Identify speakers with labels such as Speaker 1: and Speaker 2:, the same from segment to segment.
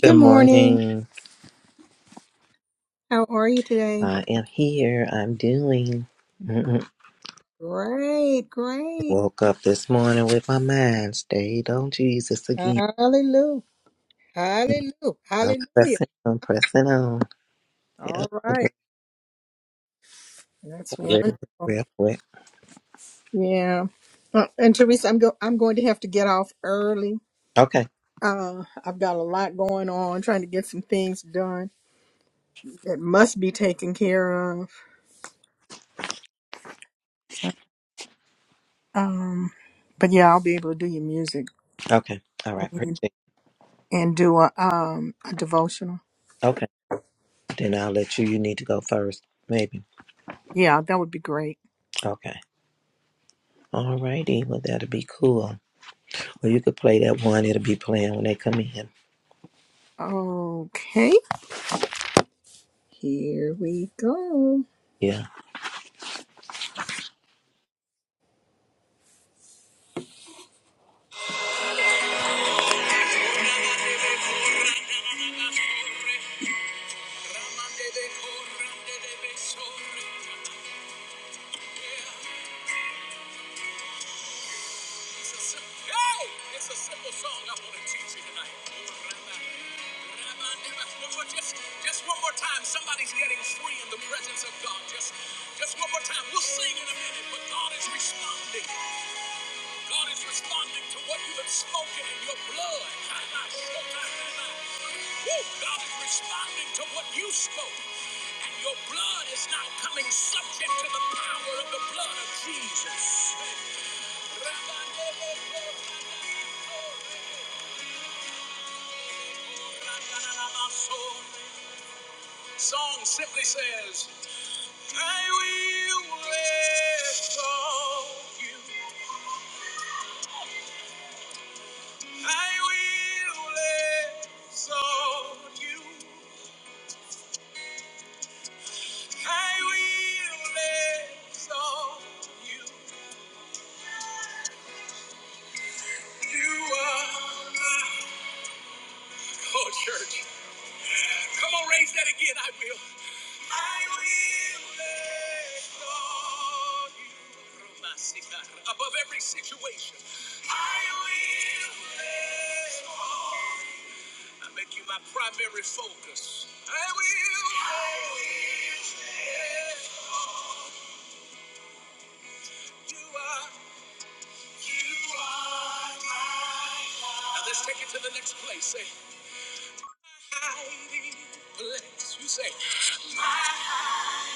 Speaker 1: Good
Speaker 2: Good morning.
Speaker 1: morning.
Speaker 2: How are you today?
Speaker 1: I am here. I'm doing. Mm-mm.
Speaker 2: Great, great.
Speaker 1: Woke up this morning with my mind stayed on Jesus again.
Speaker 2: Hallelujah. Hallelujah.
Speaker 1: I'm
Speaker 2: Hallelujah.
Speaker 1: pressing on, pressing on. Yeah,
Speaker 2: All right. That's
Speaker 1: real
Speaker 2: wonderful.
Speaker 1: real quick.
Speaker 2: Yeah. Uh, and Teresa, I'm go I'm going to have to get off early.
Speaker 1: Okay,
Speaker 2: Uh I've got a lot going on, trying to get some things done that must be taken care of. So, um but yeah, I'll be able to do your music
Speaker 1: okay. All right, appreciate
Speaker 2: and,
Speaker 1: it.
Speaker 2: and do a um a devotional.
Speaker 1: Okay, then I'll let you. You need to go first, maybe.
Speaker 2: Yeah, that would be great.
Speaker 1: Okay. All righty. Well, that'll be cool. Well, you could play that one. It'll be playing when they come in.
Speaker 2: Okay. Here we go.
Speaker 1: Yeah,
Speaker 2: Hey! It's a simple song I want to teach you tonight. Just, just one more time. Somebody's getting free in the presence of God. Just, just one more time. We'll sing in a minute, but God is responding. God is responding to what you have spoken in your blood. Woo! God is responding to what you spoke. And your blood is now coming subject to the power of the blood of Jesus. Song simply says, I will live exalt you. I will exalt you. I will exalt you. You are my oh church. Come on, raise that again. I will. I will exalt you. Ramasika, Above every situation. I will exalt you. I make you my primary focus. I will. I will. yeah. You are. You are my life. Now let's take it to the next place. Say. Hiding place. You say. My hiding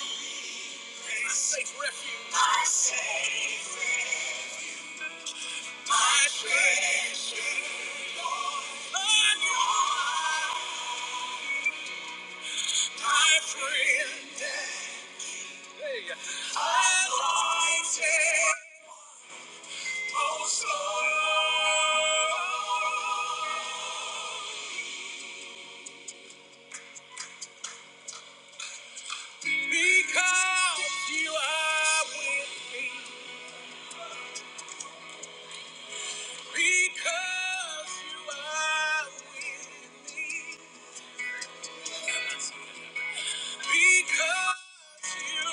Speaker 2: place. My safe refuge. My safe refuge. My treasure. Lord, you are my friend. Because you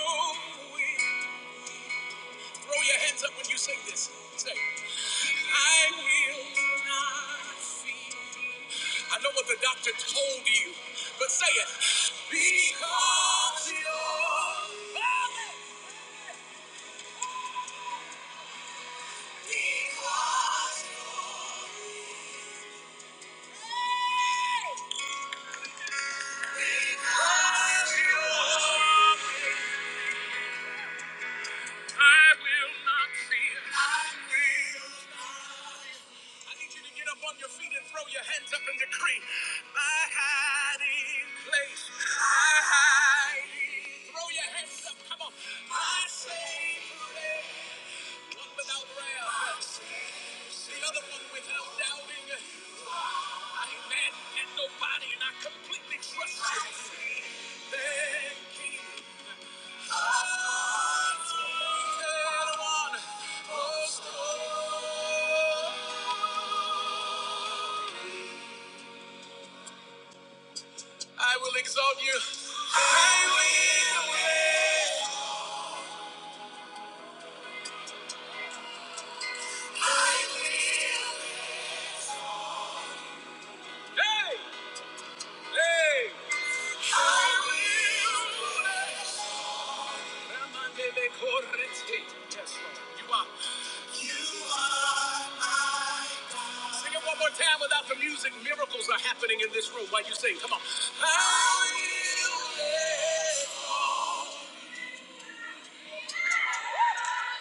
Speaker 2: win. Throw your hands up when you sing this. Say, I will not fear. I know what the doctor told you, but say it. Because you're mine. because you're mine. I will not fear. I will. I need you to get up on your feet and throw your hands up and decree. My hiding place. My hiding. Throw your hands up. Come on. My safe place. One without wrath. The other one without doubting. I ain't mad at nobody and I completely trust you. Thank you. I will exalt you. I will wait. Hey! Hey! I will wait. Yes, Lord. You are. You are my God. Sing it one more time without the music. Miracles are happening in this room while you sing. Come on. I will wait.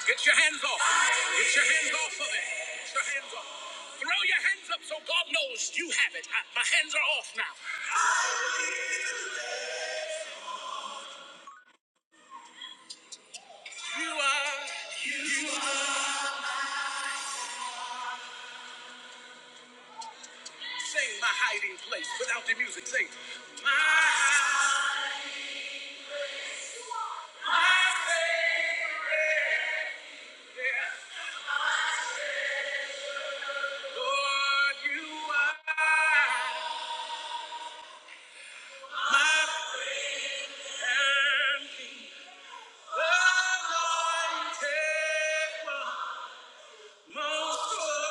Speaker 2: Get your hands off. Get your hands off of it. Get your hands off. Throw your hands up so God knows you have it. I, my hands are off now. You are. Sing my hiding place without the music. Sing. My hiding place, Lord, you are my friend. Anointed one, most holy.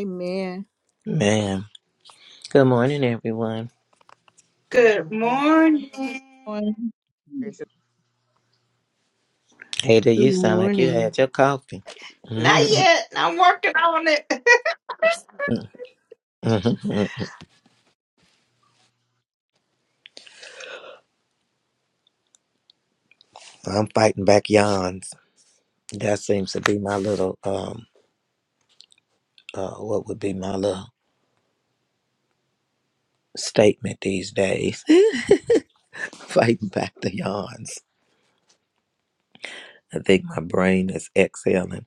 Speaker 2: Amen.
Speaker 1: man. Good morning, everyone.
Speaker 3: Come
Speaker 4: Good
Speaker 3: on,
Speaker 4: morning.
Speaker 5: on
Speaker 6: There's
Speaker 1: Ada,
Speaker 7: Good
Speaker 1: you sound like you
Speaker 7: morning.
Speaker 1: had your coffee.
Speaker 4: Not yet. I'm working on it.
Speaker 1: Mhm. I'm fighting back yawns. That seems to be my little um uh what would be my little statement these days. fighting back the yawns. I think my brain is exhaling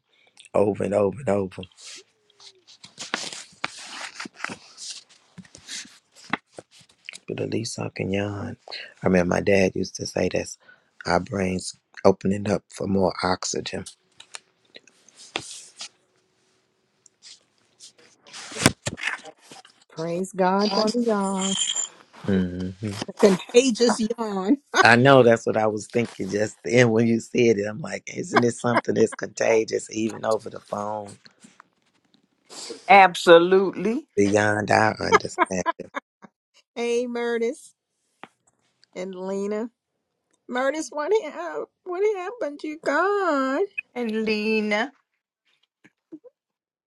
Speaker 1: over and over and over. But at least I can yawn. I remember my dad used to say this our brains opening up for more oxygen.
Speaker 2: Praise God for the yawn.
Speaker 1: hmm
Speaker 2: The contagious yawn.
Speaker 1: I know that's what I was thinking just then when you said it. I'm like, isn't this something that's contagious even over the phone?
Speaker 4: Absolutely.
Speaker 1: Beyond our understanding.
Speaker 2: Hey, Murtis and Lena. Murtis, what, hap- what happened? You gone?
Speaker 4: And Lena.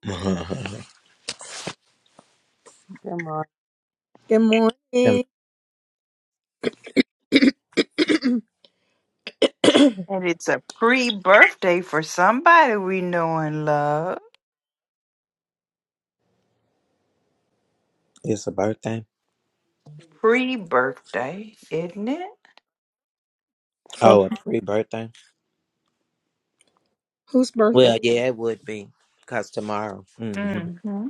Speaker 1: Tom-
Speaker 3: come on!
Speaker 2: Good morning.
Speaker 4: And it's a pre birthday for somebody we know and love.
Speaker 1: It's a birthday.
Speaker 4: Pre birthday, isn't it?
Speaker 2: For
Speaker 1: Oh, a pre-birthday.
Speaker 2: whose birthday?
Speaker 1: Well, yeah, it would be because tomorrow. hmm
Speaker 4: Mm-hmm.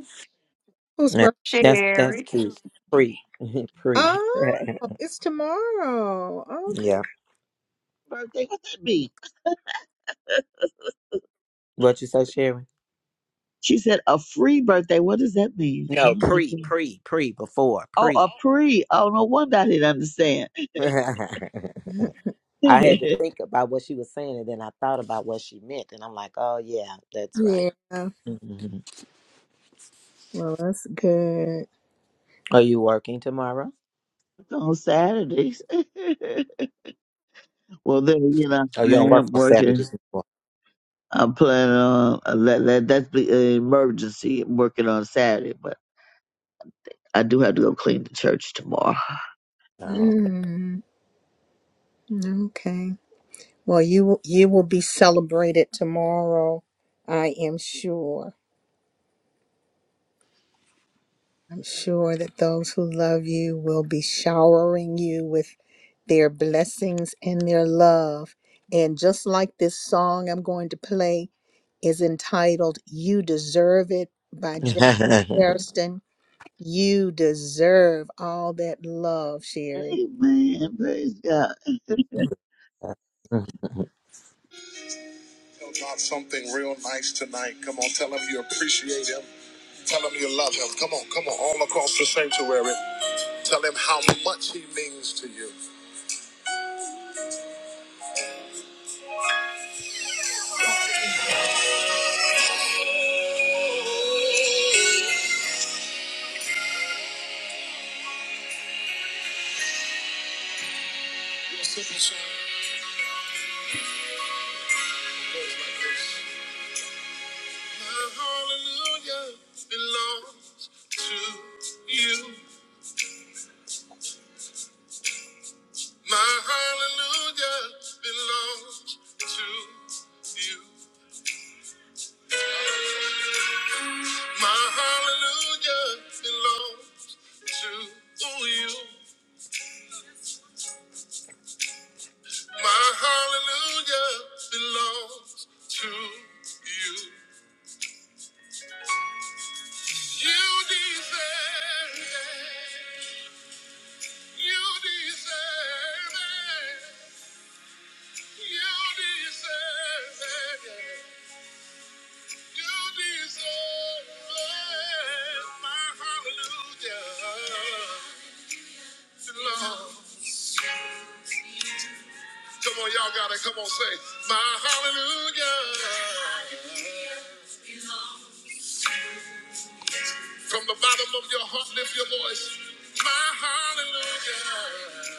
Speaker 2: Whose
Speaker 1: Yeah,
Speaker 2: birthday?
Speaker 1: that's that's
Speaker 4: Sherry.
Speaker 1: cute. Pre, pre.
Speaker 2: Oh,
Speaker 1: Right.
Speaker 2: it's tomorrow.
Speaker 1: Yeah.
Speaker 5: birthday. What that mean?
Speaker 1: What you say, Sherry?
Speaker 5: She said a free birthday. What does that mean? I
Speaker 1: No,
Speaker 5: don't know.
Speaker 1: pre, pre, pre. Before
Speaker 5: Oh,
Speaker 1: pre.
Speaker 5: a pre. Oh, no wonder I didn't understand.
Speaker 2: Okay.
Speaker 1: I had to
Speaker 5: It's
Speaker 1: think about what she was saying, and then I thought about what she meant, and I'm like, oh yeah, that's right.
Speaker 2: Yeah.
Speaker 1: hmm
Speaker 2: Well, that's good.
Speaker 1: Are you working tomorrow?
Speaker 5: on Saturdays. well, then you know
Speaker 1: Oh, you
Speaker 5: I
Speaker 1: don't work
Speaker 5: am
Speaker 1: on
Speaker 5: working.
Speaker 1: Saturdays.
Speaker 5: I'm planning on uh, that. that that's the emergency. I'm working on Saturday, but I do have to go clean the church tomorrow.
Speaker 1: anymore.
Speaker 2: Mm, okay. Well, you will- you will be celebrated tomorrow. I am sure. I'm sure that those who love you will be showering you with their blessings and their love. And just like this song I'm going to play is entitled "You Deserve It" by Jay Harrison. You deserve all that love, Sherry.
Speaker 5: Amen. Praise God.
Speaker 1: Oh.
Speaker 2: Tell God something real nice tonight. Come on, tell him you appreciate him. Tell him you love him. Come on, come on, all across the sanctuary. Tell him how much he means to you. Your simple song goes like this. My hallelujah belongs to you. My hallelujah belongs to you. My hallelujah belongs to you. My hallelujah belongs to you. You deserve it. You deserve it. You deserve it. You deserve it. My hallelujah belongs. Come on, y'all gotta come on, say, My hallelujah. From the bottom of your heart, lift your voice. My hallelujah.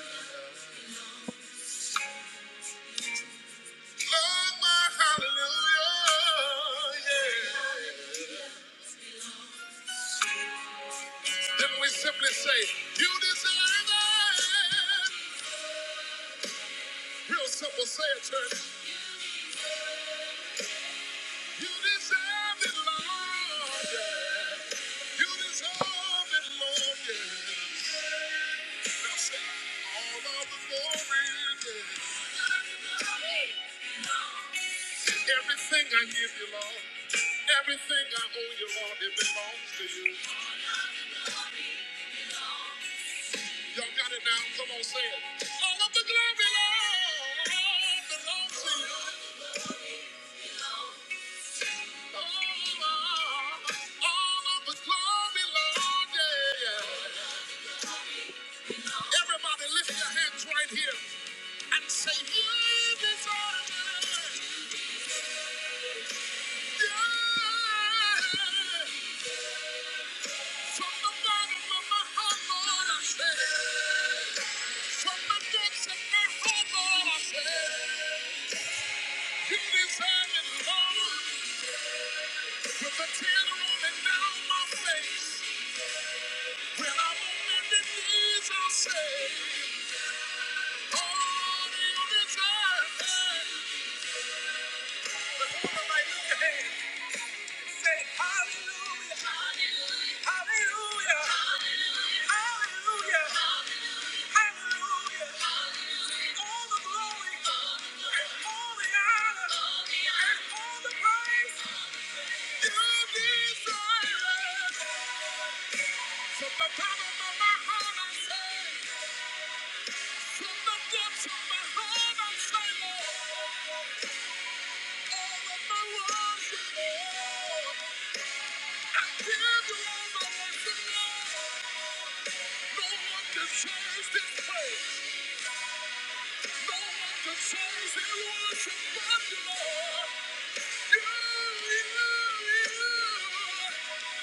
Speaker 2: Lord, my hallelujah. Yeah. Then we simply say, You deserve it. Real simple, say it, church. You deserve it, Lord. Yeah. You deserve it, Lord. Yeah. Now say, All of the glory. Yeah. Everything I give you, Lord, everything I owe you, Lord, it belongs to you. Y'all got it now? Come on, say it. All of the glory, Lord, belongs to you. Oh, oh, All of the glory, Lord, yeah, yeah. Everybody lift your hands right here and say, You deserve it. Yeah. From the bottom of my heart, Lord, I say, From the depths of my heart, I say, You deserve it, Lord. With a tear rolling down my face, when I'm on bended knees, I say, Oh, you deserve it. But hold I look Say, Hallelujah, Hallelujah, Hallelujah, Hallelujah. all the glory, and all the honor, and all the praise. You deserve it. From the bottom of my heart, I say, from the depths of my heart, I say, Lord, all of my worship, Lord, I give you all my worship, Lord. Thank you.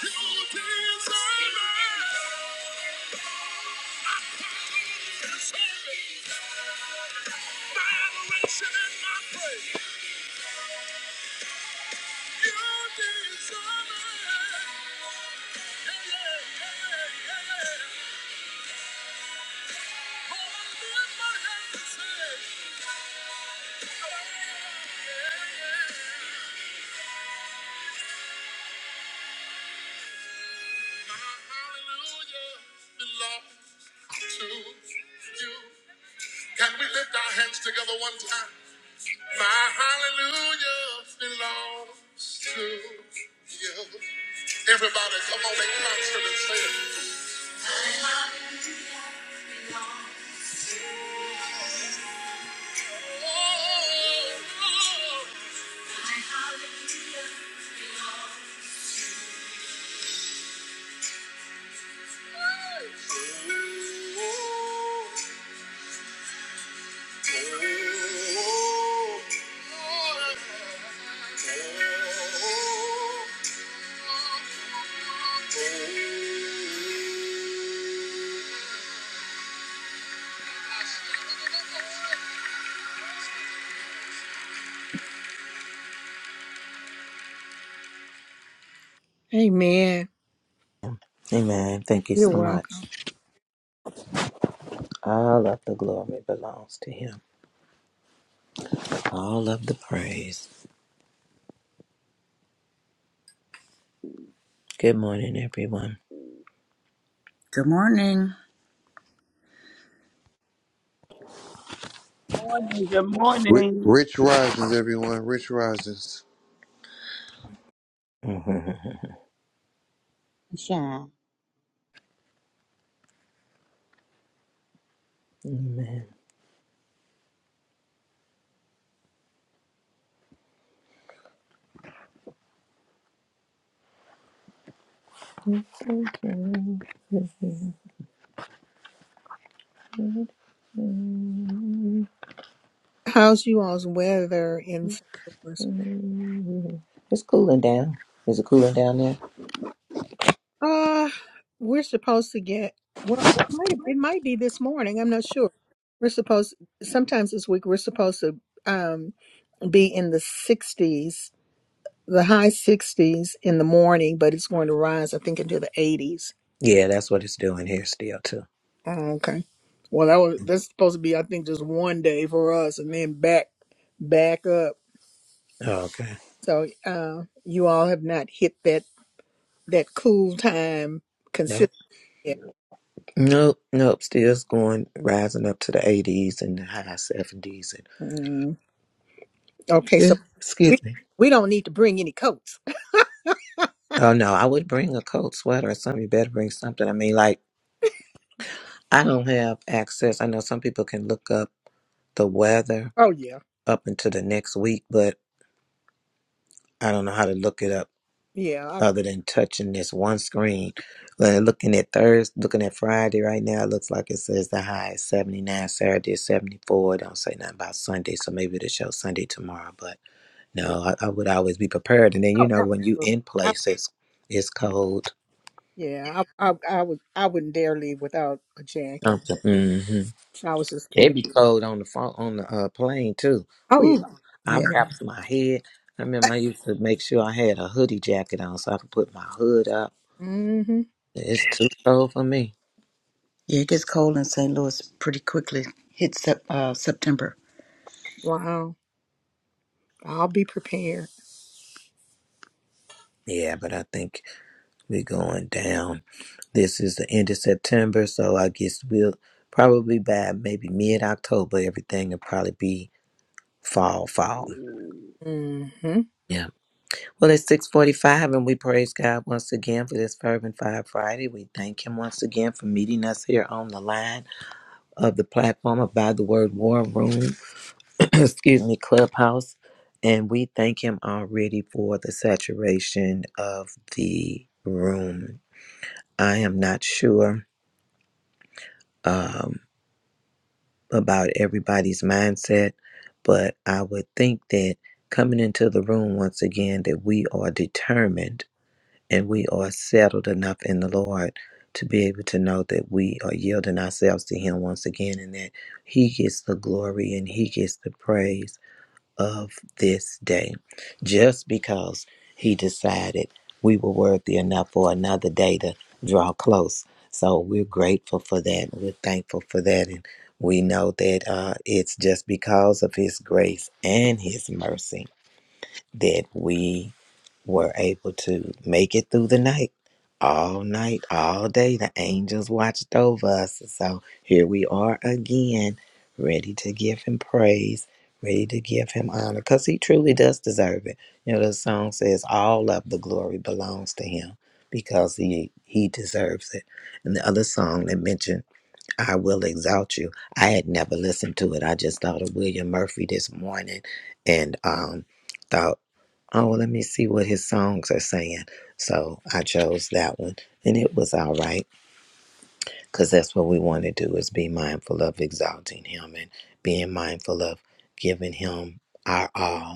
Speaker 2: Hallelujah. Yeah. yeah, yeah. My hallelujah belongs to you. Can we lift our hands together one time? My hallelujah belongs to you. Everybody, come on in concert and say it. Oh, oh, oh, oh. Amen.
Speaker 1: Amen. Thank you
Speaker 2: You're
Speaker 1: so
Speaker 2: welcome.
Speaker 1: much. All of the glory belongs to Him. All of the praise. Good morning, everyone.
Speaker 8: Good morning.
Speaker 9: morning. Good
Speaker 10: Ri-
Speaker 9: morning.
Speaker 10: Rich risings, everyone. Rich risings.
Speaker 1: Amen.
Speaker 6: a sunshine.
Speaker 2: How's you all's weather in St. Louis?
Speaker 1: It's cooling down. Is it cooling down there?
Speaker 2: Uh, we're supposed to get, well, it might, it might be this morning. I'm not sure. We're supposed, sometimes this week, we're supposed to um, be in the 60s the high 60s in the morning, but it's going to rise, I think, into the 80s.
Speaker 1: Yeah, that's what it's doing here still too.
Speaker 2: Oh, okay. Well, that was that's supposed to be, I think, just one day for us, and then back back up.
Speaker 1: Oh, okay.
Speaker 2: So uh, you all have not hit that that cool time
Speaker 1: Nope.
Speaker 2: consistently. Yet.
Speaker 1: Nope. Nope. Still it's going rising up to the eighties and the high seventies and
Speaker 2: Mm. Okay,
Speaker 1: yeah,
Speaker 2: so
Speaker 1: excuse
Speaker 2: we
Speaker 1: me.
Speaker 2: we don't need to bring any coats.
Speaker 1: Oh no, I would bring a coat, sweater or something. You better bring something. I mean like I don't have access. I know some people can look up the weather
Speaker 2: Oh yeah,
Speaker 1: up into the next week, but I don't know how to look it up
Speaker 2: yeah, I,
Speaker 1: other than touching this one screen. Like, looking at Thursday, looking at Friday right now, it looks like it says the high is 79, Saturday is 74. It don't say nothing about Sunday, so maybe it'll show Sunday tomorrow. But
Speaker 2: yeah.
Speaker 1: no, I, I would always be prepared. And then, you
Speaker 2: Oh,
Speaker 1: know, when you
Speaker 2: absolutely.
Speaker 1: in
Speaker 2: I,
Speaker 1: places, it's cold.
Speaker 2: yeah, I, I I would I wouldn't dare leave without a jacket.
Speaker 1: Something. mm-hmm.
Speaker 2: I was just
Speaker 1: They
Speaker 2: kidding.
Speaker 1: be cold on the phone on the uh, plane too.
Speaker 2: Oh yeah.
Speaker 1: Ooh, I
Speaker 8: Yeah,
Speaker 1: wrapped my head. I remember I used to make sure I had a hoodie jacket on so I could put my hood up.
Speaker 2: Hmm.
Speaker 1: It's too cold for me.
Speaker 8: yeah, it gets cold in St. Louis pretty quickly. Hits sep- uh, September.
Speaker 2: Wow. I'll be prepared.
Speaker 1: Yeah, but I think we're going down. This is the end of September, so I guess we'll probably by maybe mid October everything will probably be fall, fall.
Speaker 2: Mm-hmm.
Speaker 1: Yeah. Well, it's 645, and we praise God once again for this Fervent Fire Friday. We thank Him once again for meeting us here on the line. of the platform of By the Word War Room, excuse me, Clubhouse. And we thank him already for the saturation of the room. I am not sure um, about everybody's mindset, but I would think that coming into the room once again, that we are determined and we are settled enough in the Lord to be able to know that we are yielding ourselves to Him once again and that He gets the glory and He gets the praise of this day. Just because he decided we were worthy enough for another day to draw close. So we're grateful for that. We're thankful for that. And we know that uh, it's just because of his grace and his mercy that we were able to make it through the night, all night, all day. The angels watched over us. So here we are again, ready to give him praise, ready to give him honor, because he truly does deserve it. You know, the song says all of the glory belongs to him because he he deserves it. And the other song that mentioned I will exalt you. I had never listened to it. I just thought of William Murphy this morning and um thought, oh, let me see what his songs are saying. So I chose that one and it was all right because that's what we want to do is be mindful of exalting him and being mindful of giving him our all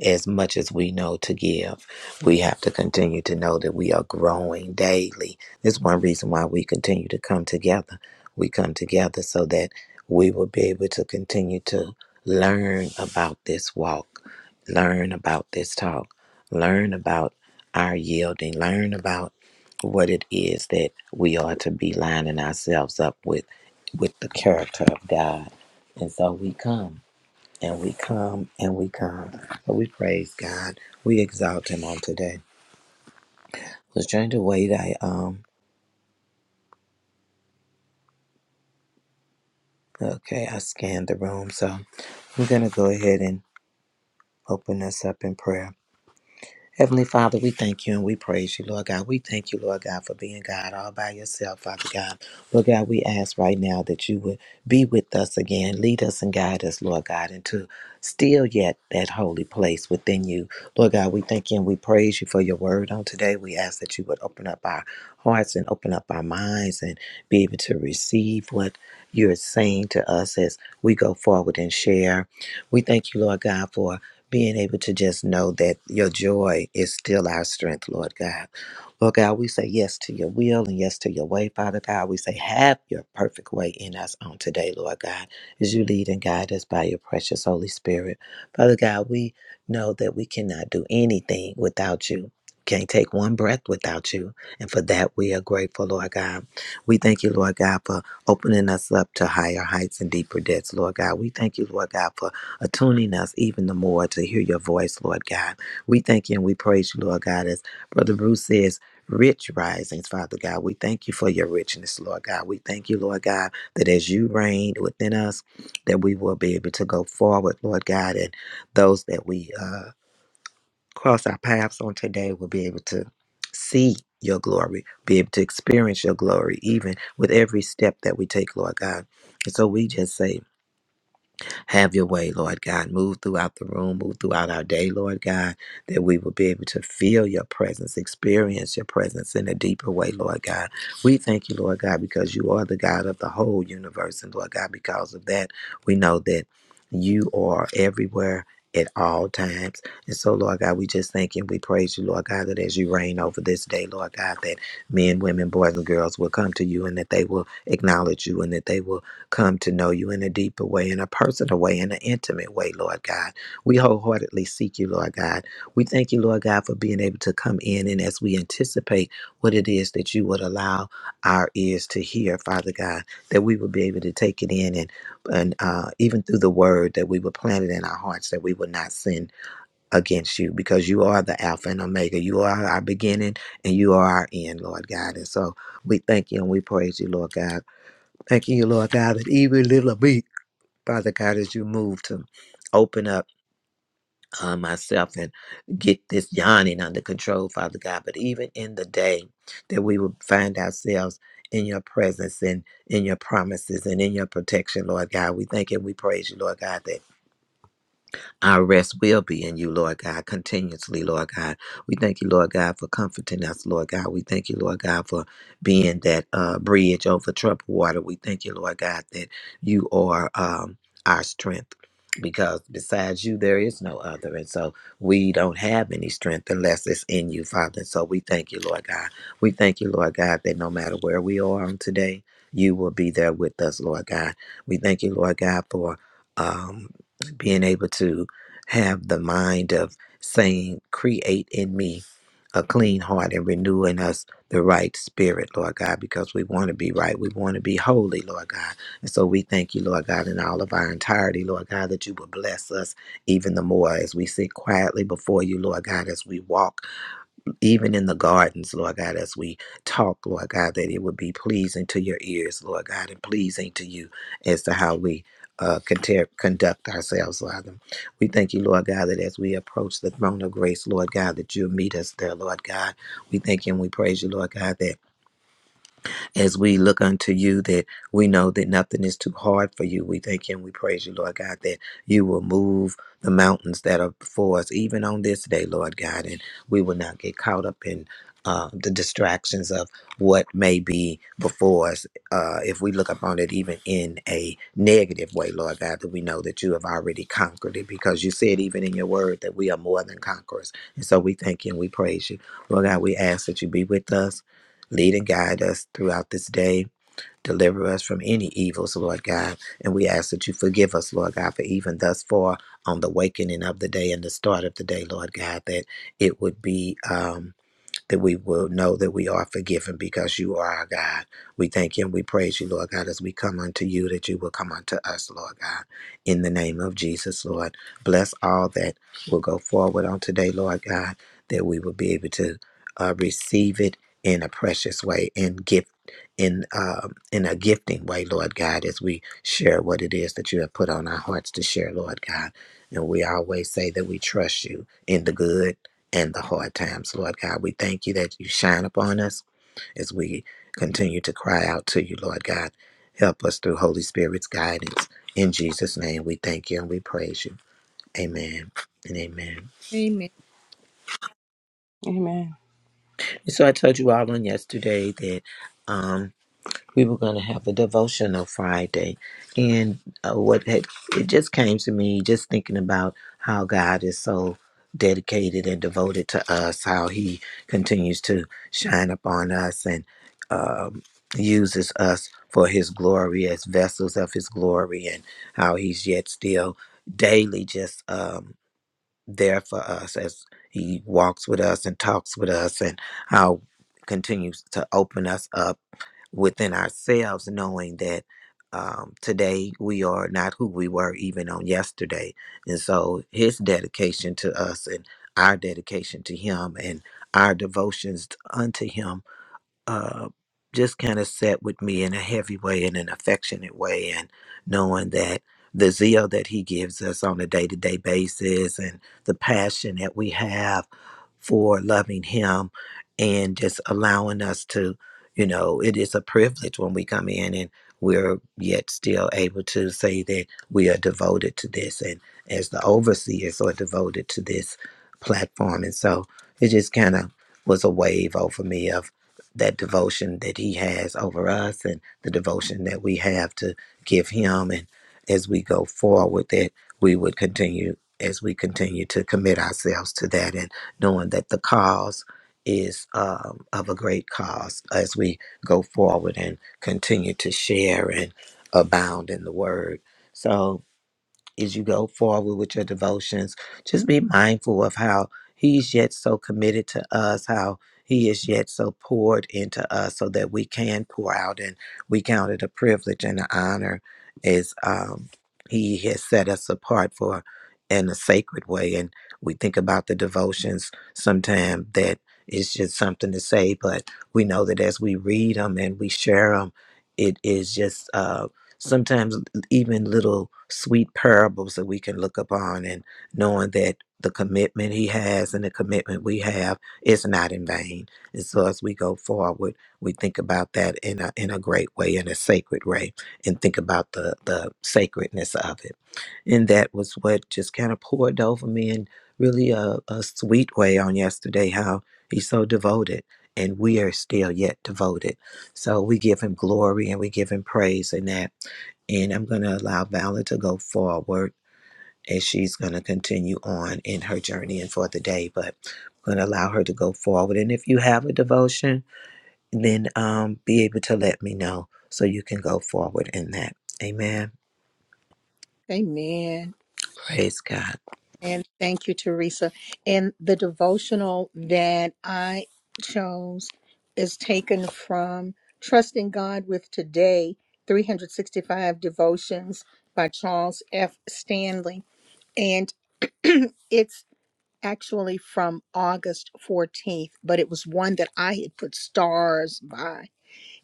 Speaker 1: as much as we know to give. We have to continue to know that we are growing daily. This is one reason why we continue to come together. We come together so that we will be able to continue to learn about this walk, learn about this talk, learn about our yielding, learn about what it is that we are to be lining ourselves up with with the character of God. And so we come and we come and we come. But we praise God. We exalt Him on today. I Was trying to wait. I um okay. I scanned the room, so I'm gonna go ahead and open us up in prayer. Heavenly Father, we thank you and we praise you, Lord God. We thank you, Lord God, for being God all by yourself, Father God. Lord God, we ask right now that you would be with us again, lead us and guide us, Lord God, into still yet that holy place within you. Lord God, we thank you and we praise you for your word on today. We ask that you would open up our hearts and open up our minds and be able to receive what you're saying to us as we go forward and share. We thank you, Lord God, for being able to just know that your joy is still our strength, Lord God. Lord God, we say yes to your will and yes to your way, Father God. We say, have your perfect way in us on today, Lord God, as you lead and guide us by your precious Holy Spirit. Father God, we know that we cannot do anything without you. Can't take one breath without you. And for that, we are grateful, Lord God. We thank you, Lord God, for opening us up to higher heights and deeper depths, Lord God. We thank you, Lord God, for attuning us even the more to hear your voice, Lord God. We thank you and we praise you, Lord God, as Brother Bruce says. Rich risings, Father God. We thank you for your richness, Lord God. We thank you, Lord God, that as you reign within us, that we will be able to go forward, Lord God, and those that we uh, cross our paths on today will be able to see your glory, be able to experience your glory, even with every step that we take, Lord God. And so we just say, have your way, Lord God. Move throughout the room, move throughout our day, Lord God, that we will be able to feel your presence, experience your presence in a deeper way, Lord God. We thank you, Lord God, because you are the God of the whole universe. And Lord God, because of that, we know that you are everywhere. At all times. And so, Lord God, we just thank you and we praise you, Lord God, that as you reign over this day, Lord God, that men, women, boys, and girls will come to you and that they will acknowledge you and that they will come to know you in a deeper way, in a personal way, in an intimate way, Lord God. We wholeheartedly seek you, Lord God. We thank you, Lord God, for being able to come in and as we anticipate what it is that you would allow our ears to hear, Father God, that we would be able to take it in and and uh, even through the word that we would plant it in our hearts that we would not sin against you because you are the Alpha and Omega. You are our beginning and you are our end, Lord God. And so we thank you and we praise you, Lord God Thanking you, Lord God, that even little bit, Father God, as you move to open up uh, myself and get this yawning under control, Father God. But even in the day that we will find ourselves in your presence and in your promises and in your protection, Lord God, we thank and we praise you, Lord God, that. Our rest will be in you, Lord God, continuously, Lord God. We thank you, Lord God, for comforting us, Lord God. We thank you, Lord God, for being that uh, bridge over troubled water. We thank you, Lord God, that you are um, our strength. Because besides you, there is no other. And so we don't have any strength unless it's in you, Father. And so we thank you, Lord God. We thank you, Lord God, that no matter where we are on today, you will be there with us, Lord God. We thank you, Lord God, for um, being able to have the mind of saying, Create in me a clean heart and renew in us the right spirit, Lord God, because we want to be right. We want to be holy, Lord God. And so we thank you, Lord God, in all of our entirety, Lord God, that you will bless us even the more as we sit quietly before you, Lord God, as we walk even in the gardens, Lord God, as we talk, Lord God, that it would be pleasing to your ears, Lord God, and pleasing to you as to how we uh, conter- conduct ourselves, Father. We thank you, Lord God, that as we approach the throne of grace, Lord God, that you'll meet us there, Lord God. We thank you and we praise you, Lord God, that as we look unto you that we know that nothing is too hard for you. We thank you and we praise you, Lord God, that you will move the mountains that are before us, even on this day, Lord God, and we will not get caught up in uh, the distractions of what may be before us. Uh, if we look upon it even in a negative way, Lord God, that we know that you have already conquered it because you said even in your word that we are more than conquerors. And so we thank you and we praise you. Lord God, we ask that you be with us Lead and guide us throughout this day. Deliver us from any evils, Lord God. And we ask that you forgive us, Lord God, for even thus far on the wakening of the day and the start of the day, Lord God, that it would be. Um, that we will know that we are forgiven because you are our God. We thank you and we praise you, Lord God, as we come unto you, that you will come unto us, Lord God, in the name of Jesus, Lord. Bless all that will go forward on today, Lord God, that we will be able to uh, receive it in a precious way and gift. In um in a gifting way, Lord God, as we share what it is that you have put on our hearts to share, Lord God, and we always say that we trust you in the good and the hard times, Lord God. We thank you that you shine upon us as we continue to cry out to you, Lord God. Help us through Holy Spirit's guidance. In Jesus' name, we thank you and we praise you. Amen and amen.
Speaker 2: Amen.
Speaker 3: Amen.
Speaker 1: So I told you all on yesterday that um, we were going to have a devotional Friday, and uh, what had, it just came to me just thinking about how God is so dedicated and devoted to us, how He continues to shine upon us and um, uses us for His glory as vessels of His glory, and how He's yet still daily just um, there for us as He walks with us and talks with us, and how continues to open us up within ourselves, knowing that um, today we are not who we were even on yesterday. And so his dedication to us and our dedication to him and our devotions unto him uh, just kind of sat with me in a heavy way, in an affectionate way, and knowing that the zeal that he gives us on a day to day basis and the passion that we have for loving him and just allowing us to, you know, it is a privilege when we come in and we're yet still able to say that we are devoted to this and as the overseers are devoted to this platform. And so it just kind of was a wave over me of that devotion that he has over us and the devotion that we have to give him and as we go forward that we would continue as we continue to commit ourselves to that and knowing that the cause is um, of a great cause as we go forward and continue to share and abound in the word so as you go forward with your devotions, just be mindful of how He is yet so committed to us, how He is yet so poured into us, so that we can pour out and we count it a privilege and an honor as um, He has set us apart for in a sacred way. And we think about the devotions sometimes that it's just something to say, but we know that as we read them and we share them, it is just uh, sometimes even little sweet parables that we can look upon and knowing that the commitment he has and the commitment we have is not in vain. And so as we go forward, we think about that in a in a great way, in a sacred way, and think about the the sacredness of it. And that was what just kind of poured over me in really a, a sweet way on yesterday, how he's so devoted and we are still yet devoted. So we give him glory and we give him praise in that and I'm going to allow Valor to go forward as she's going to continue on in her journey and for the day. But I'm going to allow her to go forward. And if you have a devotion, then um, be able to let me know so you can go forward in that. Amen.
Speaker 2: Amen.
Speaker 1: Praise God.
Speaker 2: And thank you, Teresa. And the devotional that I chose is taken from Trusting God with Today 365 Devotions by Charles F. Stanley. And it's actually from August 14th, but it was one that I had put stars by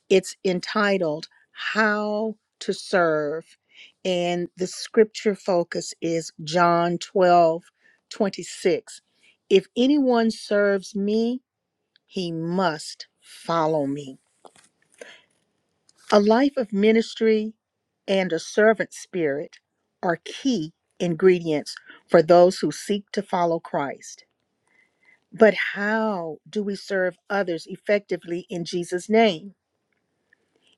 Speaker 2: It's entitled How to Serve. And the scripture focus is John 12 26. If anyone serves me, he must follow me. A life of ministry and a servant spirit are key ingredients for those who seek to follow Christ. But how do we serve others effectively in Jesus' name?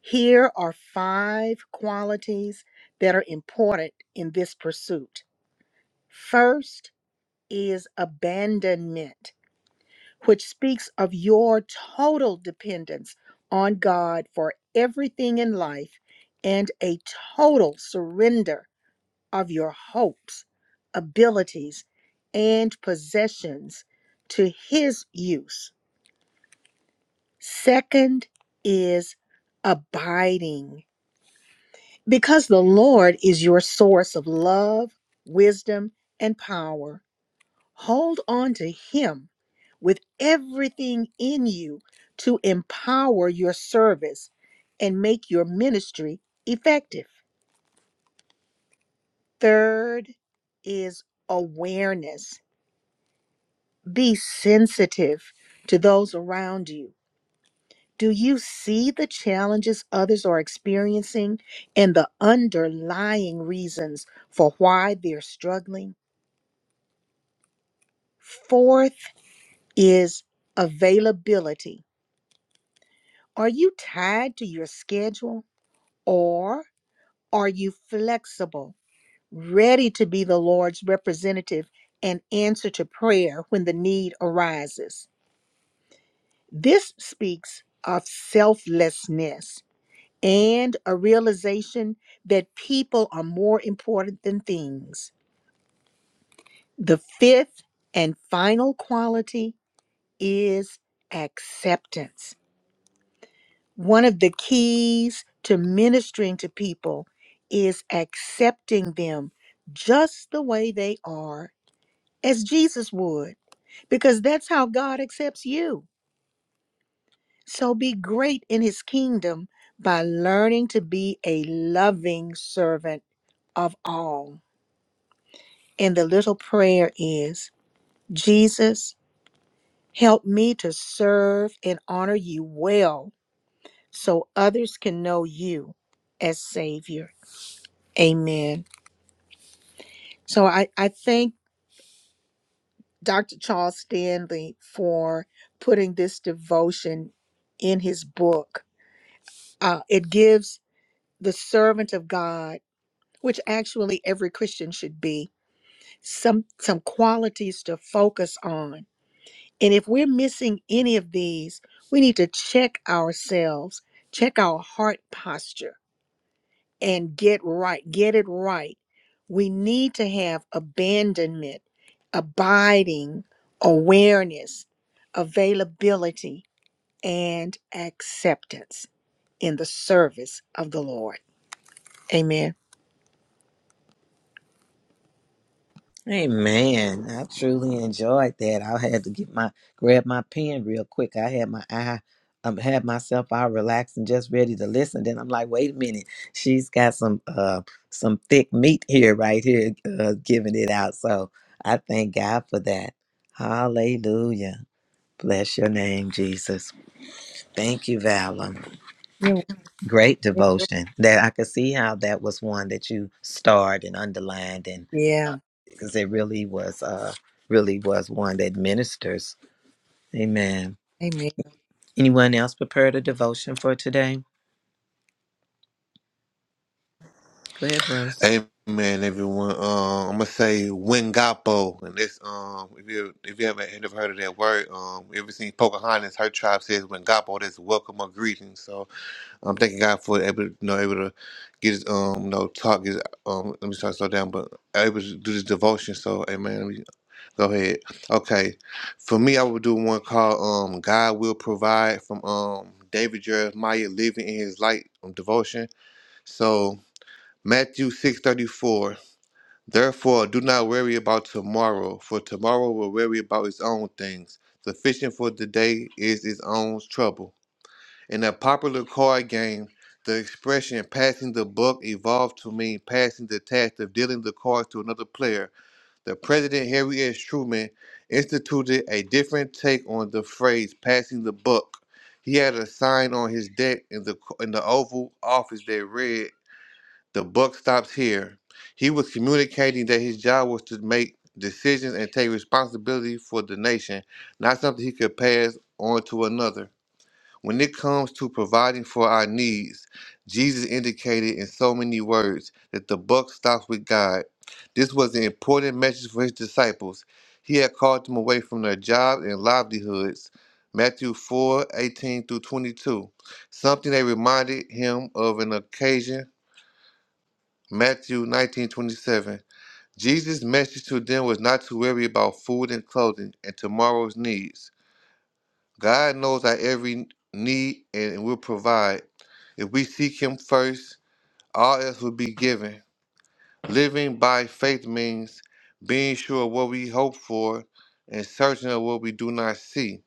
Speaker 2: Here are five qualities that are important in this pursuit. First is abandonment, which speaks of your total dependence on God for everything in life and a total surrender of your hopes, abilities, and possessions to His use. Second is abiding Because the Lord is your source of love, wisdom, and power, hold on to Him with everything in you to empower your service and make your ministry effective. Third is awareness. Be sensitive to those around you. Do you see the challenges others are experiencing and the underlying reasons for why they're struggling? Fourth is availability. Are you tied to your schedule or are you flexible, ready to be the Lord's representative and answer to prayer when the need arises? This speaks of selflessness and a realization that people are more important than things. The fifth and final quality is acceptance one of the keys to ministering to people is accepting them just the way they are, as Jesus would, because that's how God accepts you. So be great in his kingdom by learning to be a loving servant of all. And the little prayer is Jesus, help me to serve and honor you well so others can know you as Savior. Amen. So I, I thank Dr. Charles Stanley for putting this devotion in his book. Uh, it gives the servant of God, which actually every Christian should be, some some qualities to focus on. And if we're missing any of these, we need to check ourselves, check our heart posture and get right, get it right. We need to have abandonment, abiding, awareness, availability, and acceptance in the service of the Lord. Amen.
Speaker 1: Hey man, I truly enjoyed that. I had to get my grab my pen real quick. I had my eye um had myself all relaxed and just ready to listen. Then I'm like, wait a minute, she's got some uh some thick meat here right here uh, giving it out. So I thank God for that. Hallelujah. Bless your name, Jesus. Thank you, Valor.
Speaker 2: Yeah.
Speaker 1: Great devotion. That I could see how that was one that you starred and underlined
Speaker 2: Yeah.
Speaker 1: because it really was uh really was one that ministers. Amen.
Speaker 2: Amen.
Speaker 1: Anyone else prepared a devotion for today? Go ahead, bros.
Speaker 10: Amen, everyone. Um, I'm gonna say Wingapo, and this um, if you if you haven't ever heard of that word, um, ever seen Pocahontas, her tribe says Wingapo. That's welcome or greeting. So I'm thanking God for able to you know able to get um you know talk. Get, um, let me start slow down, but able to do this devotion. So Amen. Go ahead. Okay. For me, I would do one called um God Will Provide from um David Jeremiah Living in His Light um, devotion. So Matthew six thirty four. Therefore do not worry about tomorrow, for tomorrow will worry about its own things. Sufficient for the day is its own trouble. In a popular card game, the expression passing the buck evolved to mean passing the task of dealing the cards to another player the President Harry S. Truman instituted a different take on the phrase "passing the buck." He had a sign on his deck in the in the Oval Office that read, "The buck stops here." He was communicating that his job was to make decisions and take responsibility for the nation, not something he could pass on to another. When it comes to providing for our needs, Jesus indicated in so many words that the buck stops with God. This was an important message for his disciples. He had called them away from their jobs and livelihoods. Matthew 4 18 through 22. Something that reminded him of an occasion. Matthew 19 27. Jesus' message to them was not to worry about food and clothing and tomorrow's needs. God knows our every need and will provide. If we seek Him first, all else will be given. Living by faith means being sure of what we hope for and certain of what we do not see.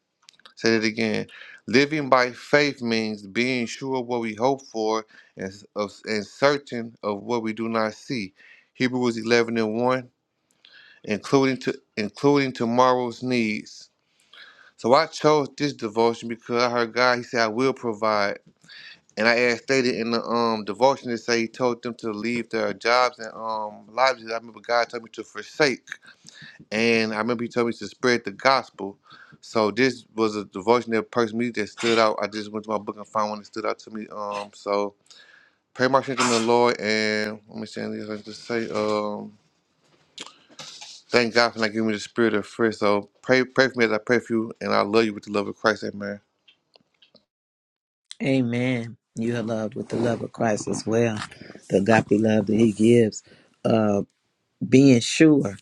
Speaker 10: Say it again. Living by faith means being sure of what we hope for and, of, and certain of what we do not see. Hebrews 11 and 1, including, to, including tomorrow's needs. So I chose this devotion because I heard God. He said, "I will provide." And I asked stated in the um devotion to say He told them to leave their jobs and um lives. I remember God told me to forsake, and I remember He told me to spread the gospel. So this was a devotion that perked me that stood out. I just went to my book and found one that stood out to me. Um, so pray my strength in the Lord, and let me say this. I just say um. Thank God for not giving me the spirit of fear. So pray, pray for me as I pray for you, and I love you with the love of Christ. Amen.
Speaker 1: Amen. You are loved with the love of Christ as well. The agape love that he gives. Uh being sure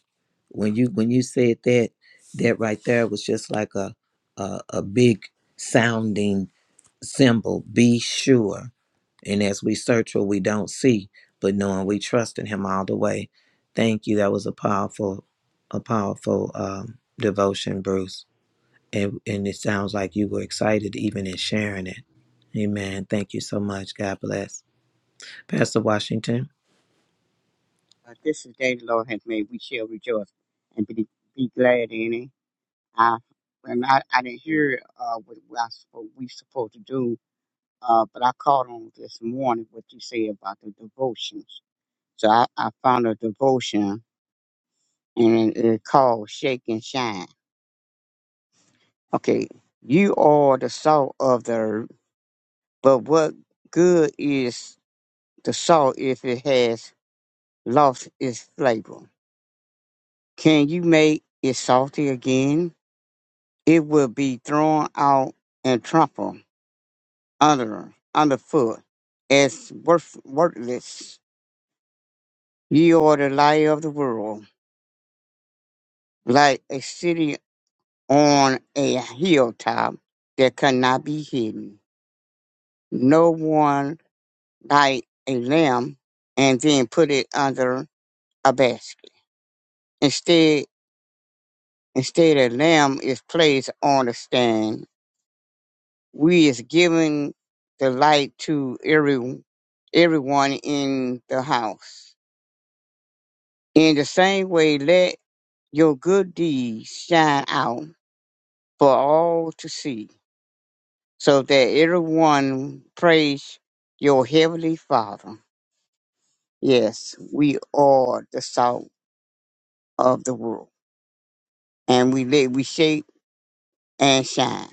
Speaker 1: when you when you said that that right there was just like a a, a big sounding symbol. Be sure And as we search what we don't see, but knowing we trust in him all the way. Thank you. That was a powerful, a powerful um, devotion, Bruce. And, and it sounds like you were excited even in sharing it. Amen. Thank you so much. God bless. Pastor Washington.
Speaker 6: Uh, this is the day the Lord has made. We shall rejoice and be, be glad in it. I, when I, I didn't hear uh, what, what, I, s- what we supposed to do, uh, but I caught on this morning what you said about the devotions. So I, I found a devotion, and it's called Shake and Shine. Okay, you are the salt of the earth, but what good is the salt if it has lost its flavor? Can you make it salty again? It will be thrown out and trampled under underfoot as worth, worthless. You are the light of the world, like a city on a hilltop that cannot be hidden. No one light a lamb and then put it under a basket. Instead, instead a lamb is placed on a stand we is giving the light to every everyone in the house. In the same way, let your good deeds shine out for all to see, so that everyone praise your heavenly Father. Yes, we are the salt of the world, and we let we shape and shine.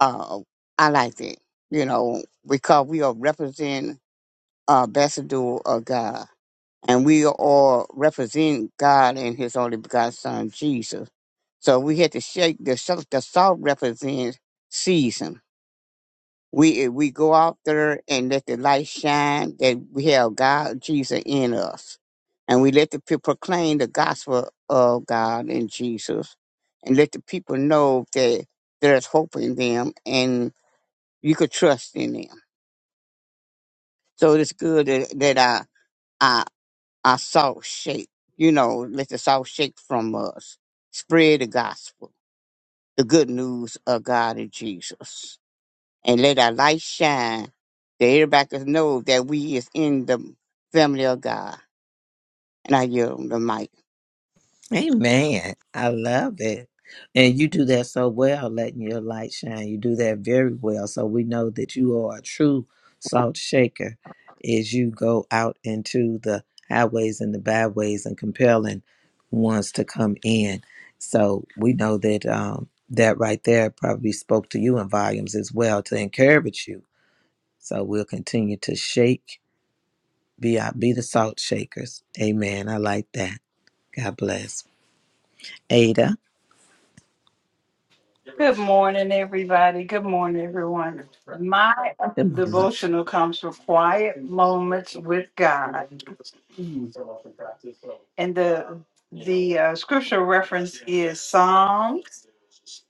Speaker 6: Uh, I like that, you know, because we are representing uh, ambassador of God and we all represent God and His only begotten Son Jesus. So we had to shake the salt. The salt represents season. We we go out there and let the light shine that we have God Jesus in us, and we let the people proclaim the gospel of God and Jesus, and let the people know that there's hope in them and you could trust in them. So it's good that, that I. our salt shake. You know, let the salt shake from us. Spread the gospel, the good news of God and Jesus. And let our light shine that everybody can know that we is in the family of God. And I yield the mic.
Speaker 1: Amen. I love it. And you do that so well, letting your light shine. You do that very well. So we know that you are a true salt shaker as you go out into the highways and the byways and compelling ones to come in. So we know that um, that right there probably spoke to you in volumes as well to encourage you. So we'll continue to shake, be out, be the salt shakers. Amen. I like that. God bless. Ada.
Speaker 4: Good morning, everybody. Good morning, everyone. My
Speaker 1: Good morning.
Speaker 4: devotional comes from quiet moments with God. And the the uh, scripture reference is Psalms.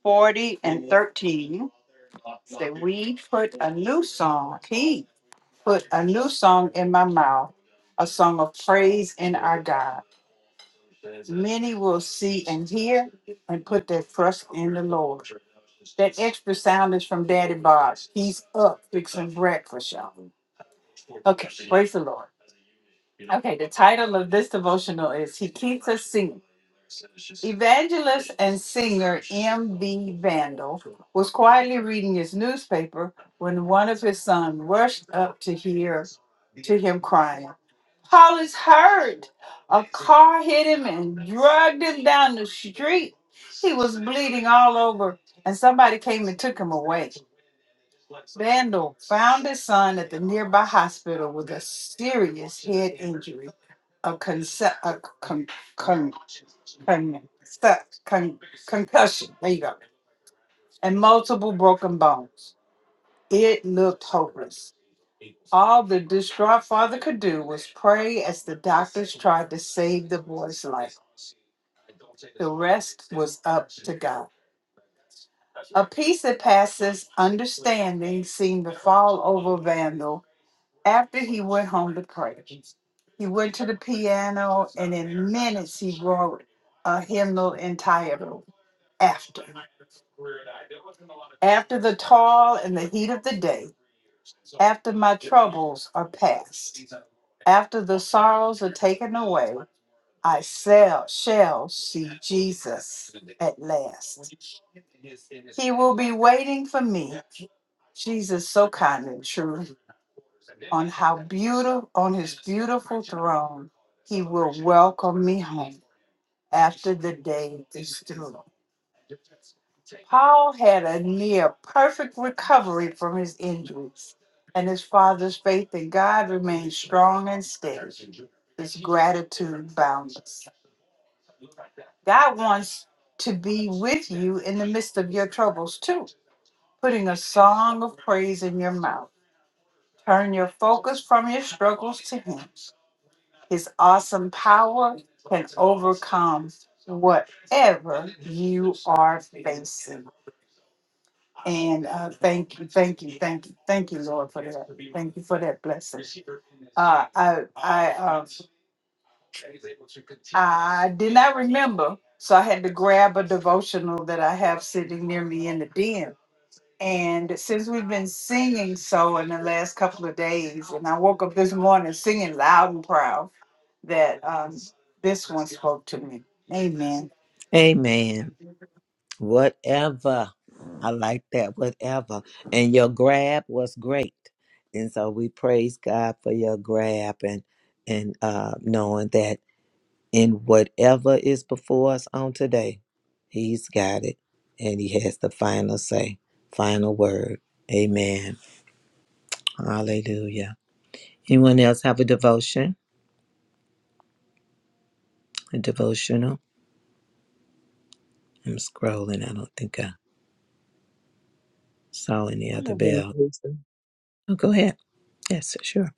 Speaker 4: 40 and 13 say, We put a new song, He put a new song in my mouth, a song of praise in our God. Many will see and hear and put their trust in the Lord. That extra sound is from Daddy Bob. He's up fixing breakfast, y'all. Okay, praise the Lord. Okay, the title of this devotional is He Keeps Us Singing. Evangelist and singer M.B. Vandal was quietly reading his newspaper when one of his sons rushed up to hear to him crying, Paul is hurt. A car hit him and dragged him down the street. He was bleeding all over, and somebody came and took him away. Bandel found his son at the nearby hospital with a serious head injury, a, conce- a con- con- con- con- concussion, there you go, and multiple broken bones. It looked hopeless. All the distraught father could do was pray as the doctors tried to save the boy's life. The rest was up to God. A peace that passes understanding seemed to fall over Vandal after he went home to pray. He went to the piano and in minutes he wrote a hymnal entirely after. After the toil and the heat of the day, after my troubles are past, after the sorrows are taken away, I shall, shall see Jesus at last. He will be waiting for me. Jesus, so kind and true, on how beautiful, on his beautiful throne, he will welcome me home after the day is through. Paul had a near perfect recovery from his injuries, and his father's faith in God remained strong and steady. His gratitude boundless. God wants to be with you in the midst of your troubles, too, putting a song of praise in your mouth. Turn your focus from your struggles to Him. His awesome power can overcome whatever you are facing. And uh, thank you, thank you, thank you, thank you, Lord, for that. Thank you for that blessing. Uh, I, I, um, I did not remember, so I had to grab a devotional that I have sitting near me in the den. And since we've been singing so in the last couple of days, and I woke up this morning singing loud and proud that um, this one spoke to me. Amen.
Speaker 1: Amen. Whatever. I like that. Whatever. And your grab was great. And so we praise God for your grab and and uh knowing that in whatever is before us on today, he's got it and he has the final say, final word. Amen. Hallelujah. Anyone else have a devotion? A devotional? I'm scrolling. I don't think I saw any
Speaker 5: I
Speaker 1: other
Speaker 5: have one
Speaker 1: bell.
Speaker 5: question.
Speaker 1: Oh, go ahead. Yes, sure.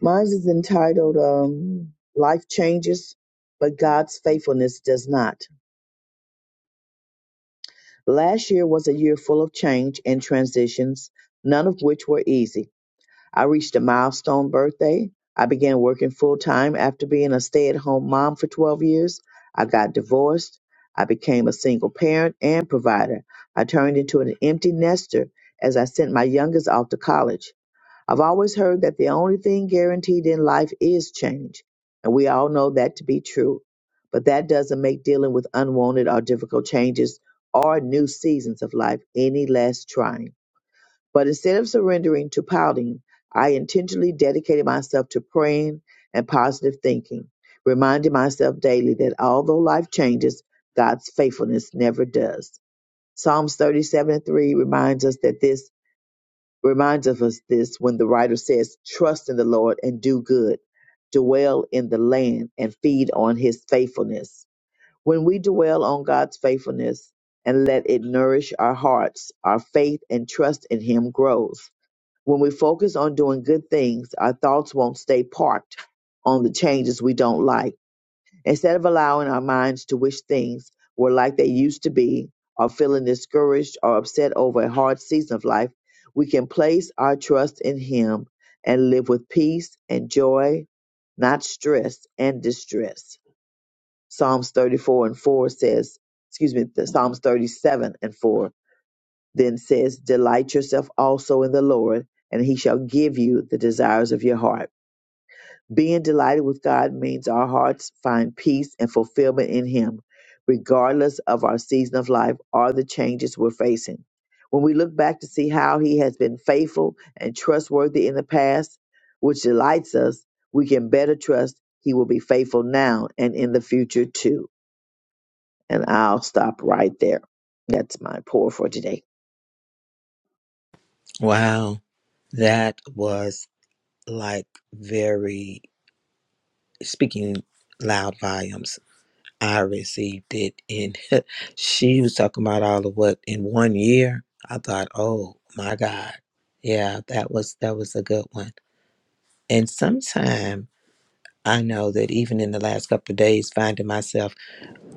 Speaker 5: Mine is entitled um, Life Changes, but God's Faithfulness Does Not. Last year was a year full of change and transitions, none of which were easy. I reached a milestone birthday. I began working full time after being a stay at home mom for 12 years. I got divorced. I became a single parent and provider. I turned into an empty nester as I sent my youngest off to college. I've always heard that the only thing guaranteed in life is change, and we all know that to be true. But that doesn't make dealing with unwanted or difficult changes or new seasons of life any less trying. But instead of surrendering to pouting, I intentionally dedicated myself to praying and positive thinking, reminding myself daily that although life changes, God's faithfulness never does. Psalms 37 and 3 reminds us that this reminds of us this when the writer says, Trust in the Lord and do good, dwell in the land and feed on his faithfulness. When we dwell on God's faithfulness and let it nourish our hearts, our faith and trust in him grows. When we focus on doing good things, our thoughts won't stay parked on the changes we don't like Instead of allowing our minds to wish things were like they used to be, or feeling discouraged or upset over a hard season of life, we can place our trust in Him and live with peace and joy, not stress and distress. Psalms 34 and 4 says, excuse me, the Psalms 37 and 4 then says, Delight yourself also in the Lord, and He shall give you the desires of your heart. Being delighted with God means our hearts find peace and fulfillment in Him, regardless of our season of life or the changes we're facing. When we look back to see how He has been faithful and trustworthy in the past, which delights us, we can better trust He will be faithful now and in the future too. And I'll stop right there. That's my pour for today.
Speaker 1: Wow. That was like very speaking loud volumes. I received it, and she was talking about all of what in one year. I thought, oh my God, yeah, that was that was a good one. And sometime I know that even in the last couple of days, finding myself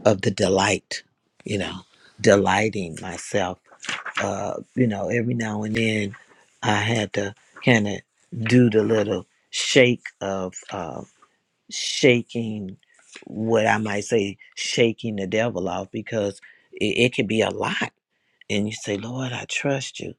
Speaker 1: of the delight, you know, delighting myself uh, you know, every now and then I had to kind of do the little shake of uh, shaking what I might say, shaking the devil off because it, it could be a lot. And you say, Lord, I trust you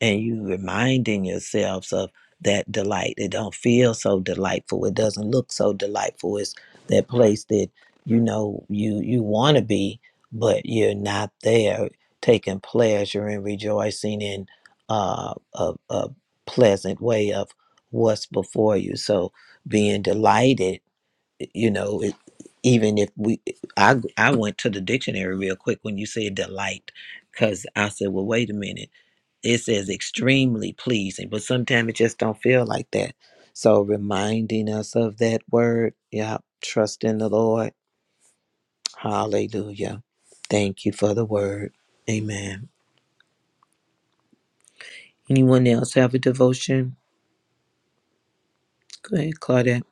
Speaker 1: and you reminding yourselves of that delight. It don't feel so delightful. It doesn't look so delightful. It's that place that you know you you want to be, but you're not there. Taking pleasure and rejoicing in uh, a, a pleasant way of what's before you. So being delighted, you know, it, even if we, I I went to the dictionary real quick when you said delight, because I said, well, wait a minute it says extremely pleasing but sometimes it just don't feel like that so reminding us of that word yeah trust in the lord hallelujah thank you for the word amen anyone else have a devotion go ahead claudette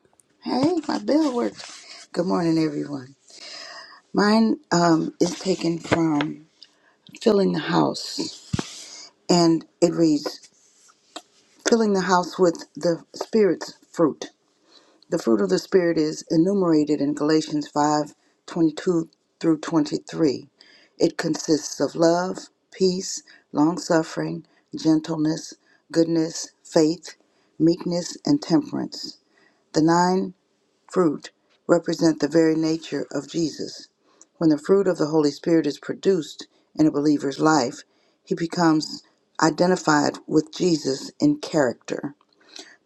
Speaker 8: Hey, my bell worked. Good morning, everyone. Mine um, is taken from filling the house, and it reads, "Filling the house with the Spirit's fruit." The fruit of the Spirit is enumerated in Galatians 5:22 through 23. It consists of love, peace, long suffering, gentleness, goodness, faith, meekness, and temperance. The nine fruit represent the very nature of Jesus. When the fruit of the Holy Spirit is produced in a believer's life, he becomes identified with Jesus in character.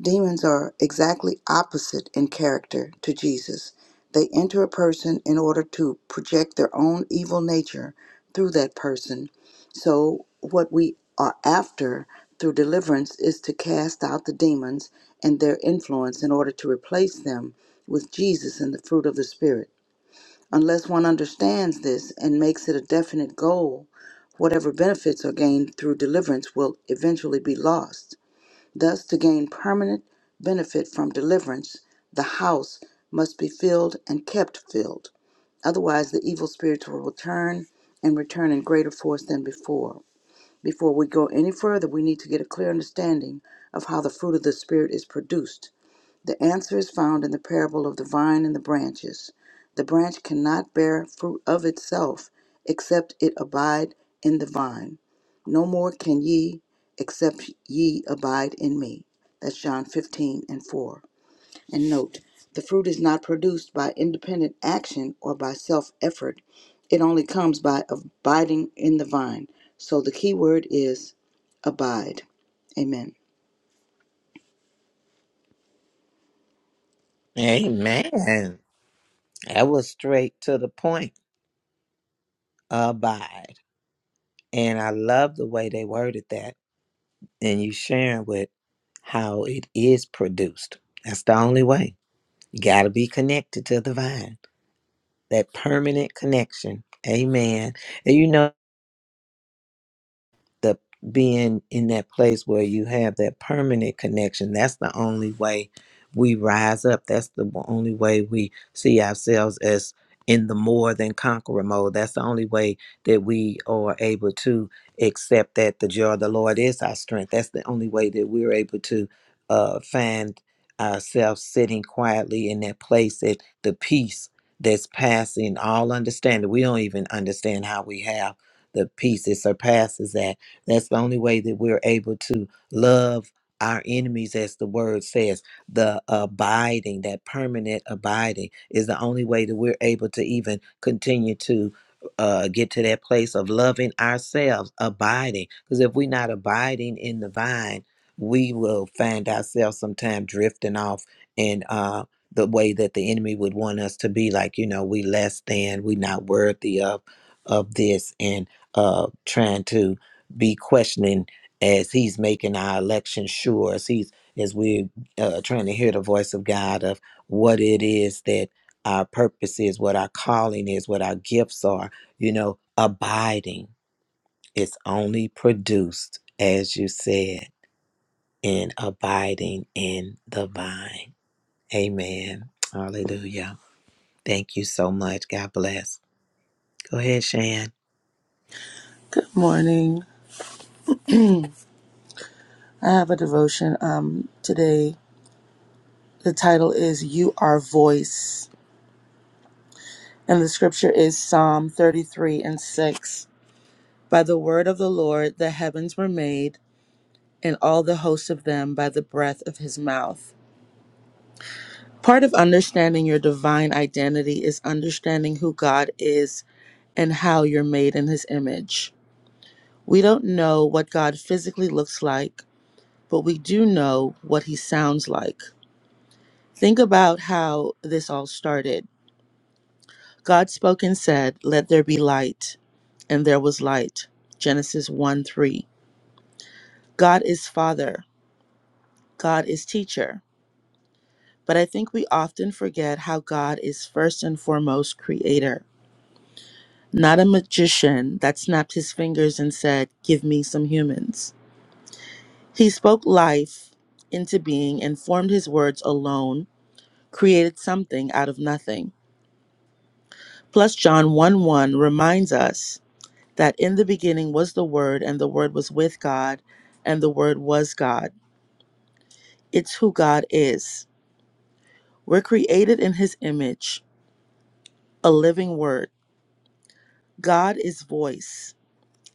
Speaker 8: Demons are exactly opposite in character to Jesus. They enter a person in order to project their own evil nature through that person. So, what we are after through deliverance is to cast out the demons and their influence in order to replace them with Jesus and the fruit of the Spirit. Unless one understands this and makes it a definite goal, whatever benefits are gained through deliverance will eventually be lost. Thus, to gain permanent benefit from deliverance, the house must be filled and kept filled. Otherwise, the evil spirits will return and return in greater force than before. Before we go any further, we need to get a clear understanding of how the fruit of the Spirit is produced the answer is found in the parable of the vine and the branches. The branch cannot bear fruit of itself, except it abide in the vine. No more can ye, except ye abide in me. That's John 15 and 4. And note, the fruit is not produced by independent action or by self effort. It only comes by abiding in the vine. So the key word is abide. Amen.
Speaker 1: amen that was straight to the point abide and i love the way they worded that and you sharing with how it is produced that's the only way you got to be connected to the vine that permanent connection. Amen. And you know, the being in that place where you have that permanent connection that's the only way we rise up that's the w- only way we see ourselves as in the more than conqueror mode that's the only way that we are able to accept that the joy of the lord is our strength that's the only way that we're able to uh, find ourselves sitting quietly in that place that the peace that's passing all understanding we don't even understand how we have the peace that surpasses that that's the only way that we're able to love our enemies, as the word says. The abiding, that permanent abiding, is the only way that we're able to even continue to uh, get to that place of loving ourselves, abiding. Because if we're not abiding in the vine, we will find ourselves sometime drifting off and uh, the way that the enemy would want us to be like you know we less than we not worthy of of this and uh trying to be questioning as he's making our election sure as he's as we're uh, trying to hear the voice of god of what it is that our purpose is what our calling is what our gifts are you know abiding is only produced as you said in abiding in the vine amen hallelujah thank you so much god bless go ahead shan
Speaker 11: Good morning. I have a devotion um today. The title is You Are Voice, and the scripture is Psalm 33 and 6. By the word of the Lord the heavens were made, and all the hosts of them by the breath of his mouth. Part of understanding your divine identity is understanding who God is and how you're made in his image. We don't know what God physically looks like, but we do know what he sounds like. Think about how this all started. God spoke and said, Let there be light, and there was light. Genesis 1 3. God is Father, God is Teacher. But I think we often forget how God is first and foremost Creator, not a magician that snapped his fingers and said, Give me some humans. He spoke life into being and formed his words alone, created something out of nothing. Plus, John 1 1 reminds us that in the beginning was the Word, and the Word was with God, and the Word was God. It's who God is. We're created in His image, a living Word. God is voice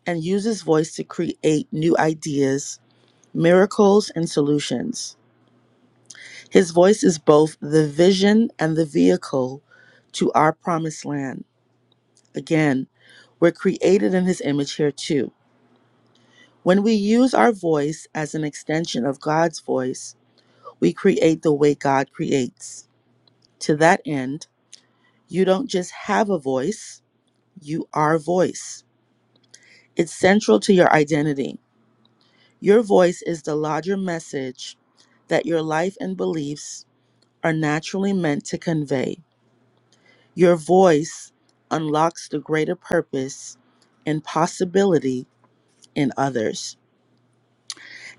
Speaker 11: and uses voice to create new ideas, miracles, and solutions. His voice is both the vision and the vehicle to our promised land. Again, we're created in His image here too. When we use our voice as an extension of God's voice, We create the way God creates. To that end, you don't just have a voice, you are voice. It's central to your identity. Your voice is the larger message that your life and beliefs are naturally meant to convey. Your voice unlocks the greater purpose and possibility in others.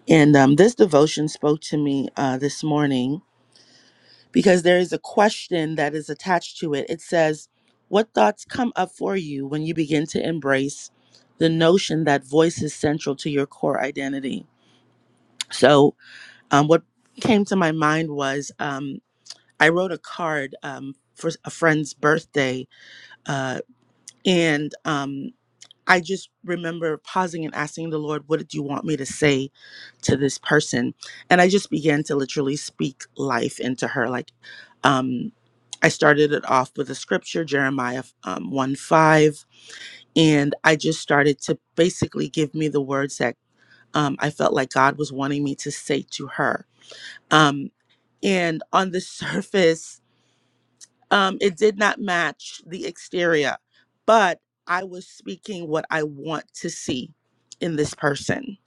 Speaker 11: And um, this devotion spoke to me uh, this morning because there is a question that is attached to it. It says, What thoughts come up for you when you begin to embrace the notion that voice is central to your core identity? So, um, what came to my mind was um, I wrote a card um, for a friend's birthday, uh, and um, I just remember pausing and asking the Lord, What do you want me to say to this person? And I just began to literally speak life into her. Like, um, I started it off with a scripture, Jeremiah um, 1 5. And I just started to basically give me the words that um, I felt like God was wanting me to say to her. Um, and on the surface, um, it did not match the exterior, but I was speaking what I want to see in this person.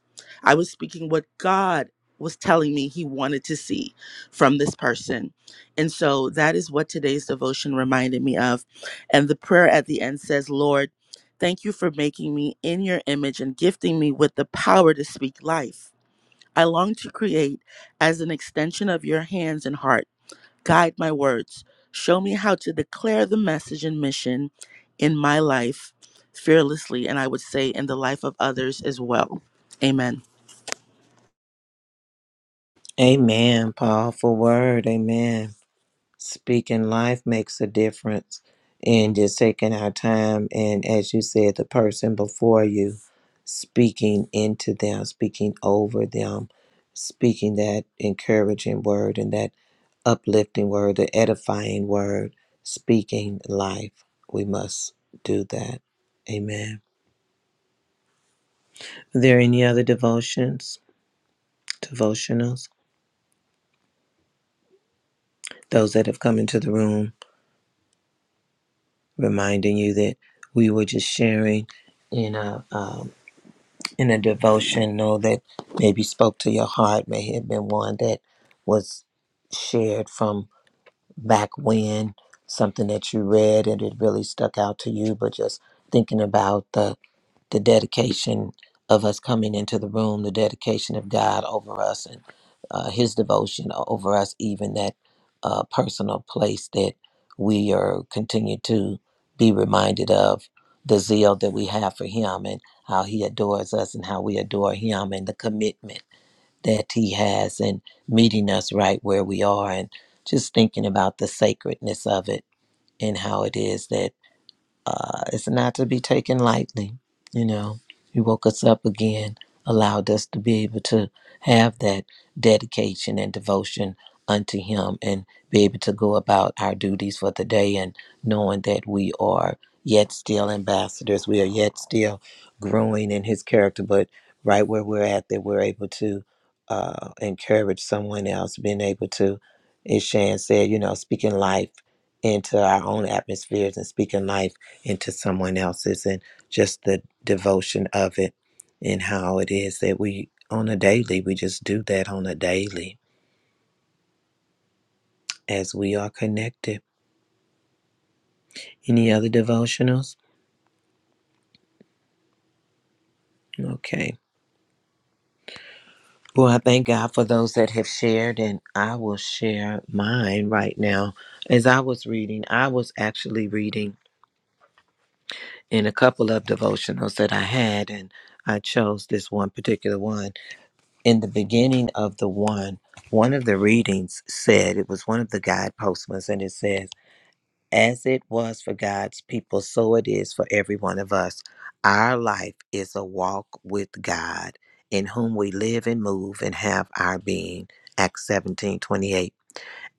Speaker 11: I was speaking what God was telling me he wanted to see from this person. And so that is what today's devotion reminded me of. And the prayer at the end says, Lord, thank you for making me in your image and gifting me with the power to speak life. I long to create as an extension of your hands and heart Guide my words. Show me how to declare the message and mission in my life fearlessly, and I would say in the life of others as well. Amen.
Speaker 1: amen powerful word amen Speaking life makes a difference and just taking our time. And as you said, the person before you speaking into them, speaking over them, speaking that encouraging word and that uplifting word, the edifying word, speaking life. We must do that. Amen. Are there any other devotions, devotionals? Those that have come into the room, reminding you that we were just sharing in a, um, in a devotional that maybe spoke to your heart. May have been one that was shared from back when, something that you read and it really stuck out to you, but just thinking about the the dedication of us coming into the room, the dedication of God over us, and uh, His devotion over us, even that uh, personal place that we are continue to be reminded of the zeal that we have for Him and how He adores us and how we adore Him and the commitment that He has in meeting us right where we are and just thinking about the sacredness of it and how it is that uh, it's not to be taken lightly. You know, He woke us up again, allowed us to be able to have that dedication and devotion unto Him and be able to go about our duties for the day and knowing that we are yet still ambassadors. We are yet still growing in His character, but right where we're at, that we're able to uh, encourage someone else, being able to, as Shan said, you know, speaking life into our own atmospheres and speaking life into someone else's and just the devotion of it and how it is that we on a daily we just do that on a daily as we are connected any other devotionals okay well i thank god for those that have shared and i will share mine right now as i was reading i was actually reading in a couple of devotionals that i had and i chose this one particular one in the beginning of the one, one of the readings said, it was one of the guide postmans, and it says, As it was for God's people, so it is for every one of us. Our life is a walk with God, in whom we live and move and have our being. Acts 17 twenty eight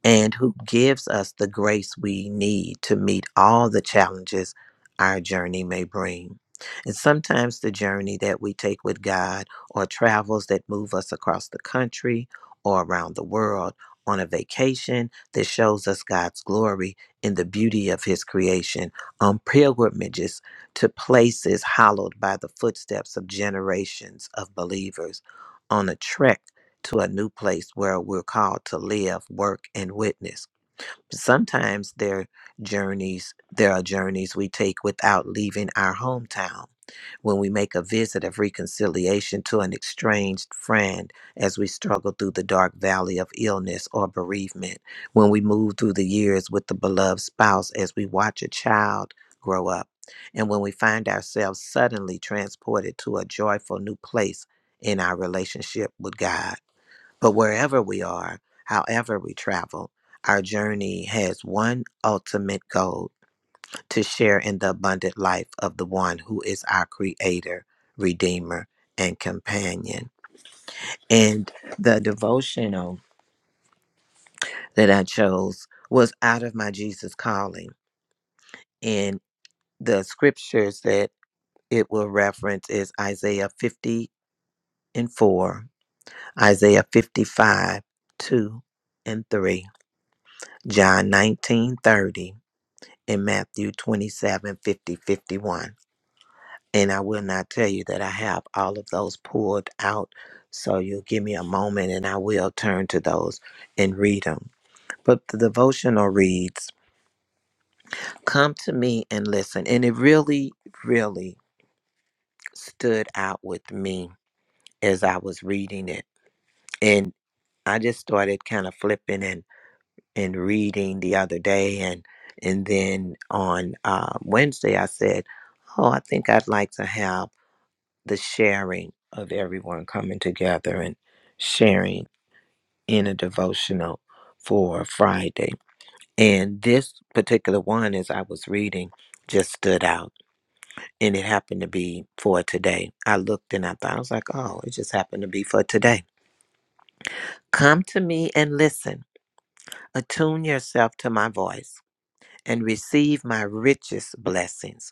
Speaker 1: and who gives us the grace we need to meet all the challenges our journey may bring. And sometimes the journey that we take with God or travels that move us across the country or around the world on a vacation that shows us God's glory in the beauty of His creation, on pilgrimages to places hallowed by the footsteps of generations of believers, on a trek to a new place where we're called to live, work, and witness. Sometimes there journeys there are journeys we take without leaving our hometown. When we make a visit of reconciliation to an estranged friend as we struggle through the dark valley of illness or bereavement, when we move through the years with the beloved spouse as we watch a child grow up, and when we find ourselves suddenly transported to a joyful new place in our relationship with God. But wherever we are, however we travel, our journey has one ultimate goal to share in the abundant life of the one who is our creator, redeemer, and companion. And the devotional that I chose was out of my Jesus calling. And the scriptures that it will reference is Isaiah 50 and 4, Isaiah 55, 2 and 3, John 19:30. in Matthew 27 50 51, And I will not tell you that I have all of those pulled out. So you'll give me a moment and I will turn to those and read them. But the devotional reads Come to me and listen. And it really, really stood out with me as I was reading it. And I just started kind of flipping and, and reading the other day. And, and then on uh, Wednesday, I said, Oh, I think I'd like to have the sharing of everyone coming together and sharing in a devotional for Friday. And this particular one, as I was reading, just stood out. And it happened to be for today. I looked and I thought, I was like, oh, it just happened to be for today. Come to me and listen. Attune yourself to my voice and receive my richest blessings.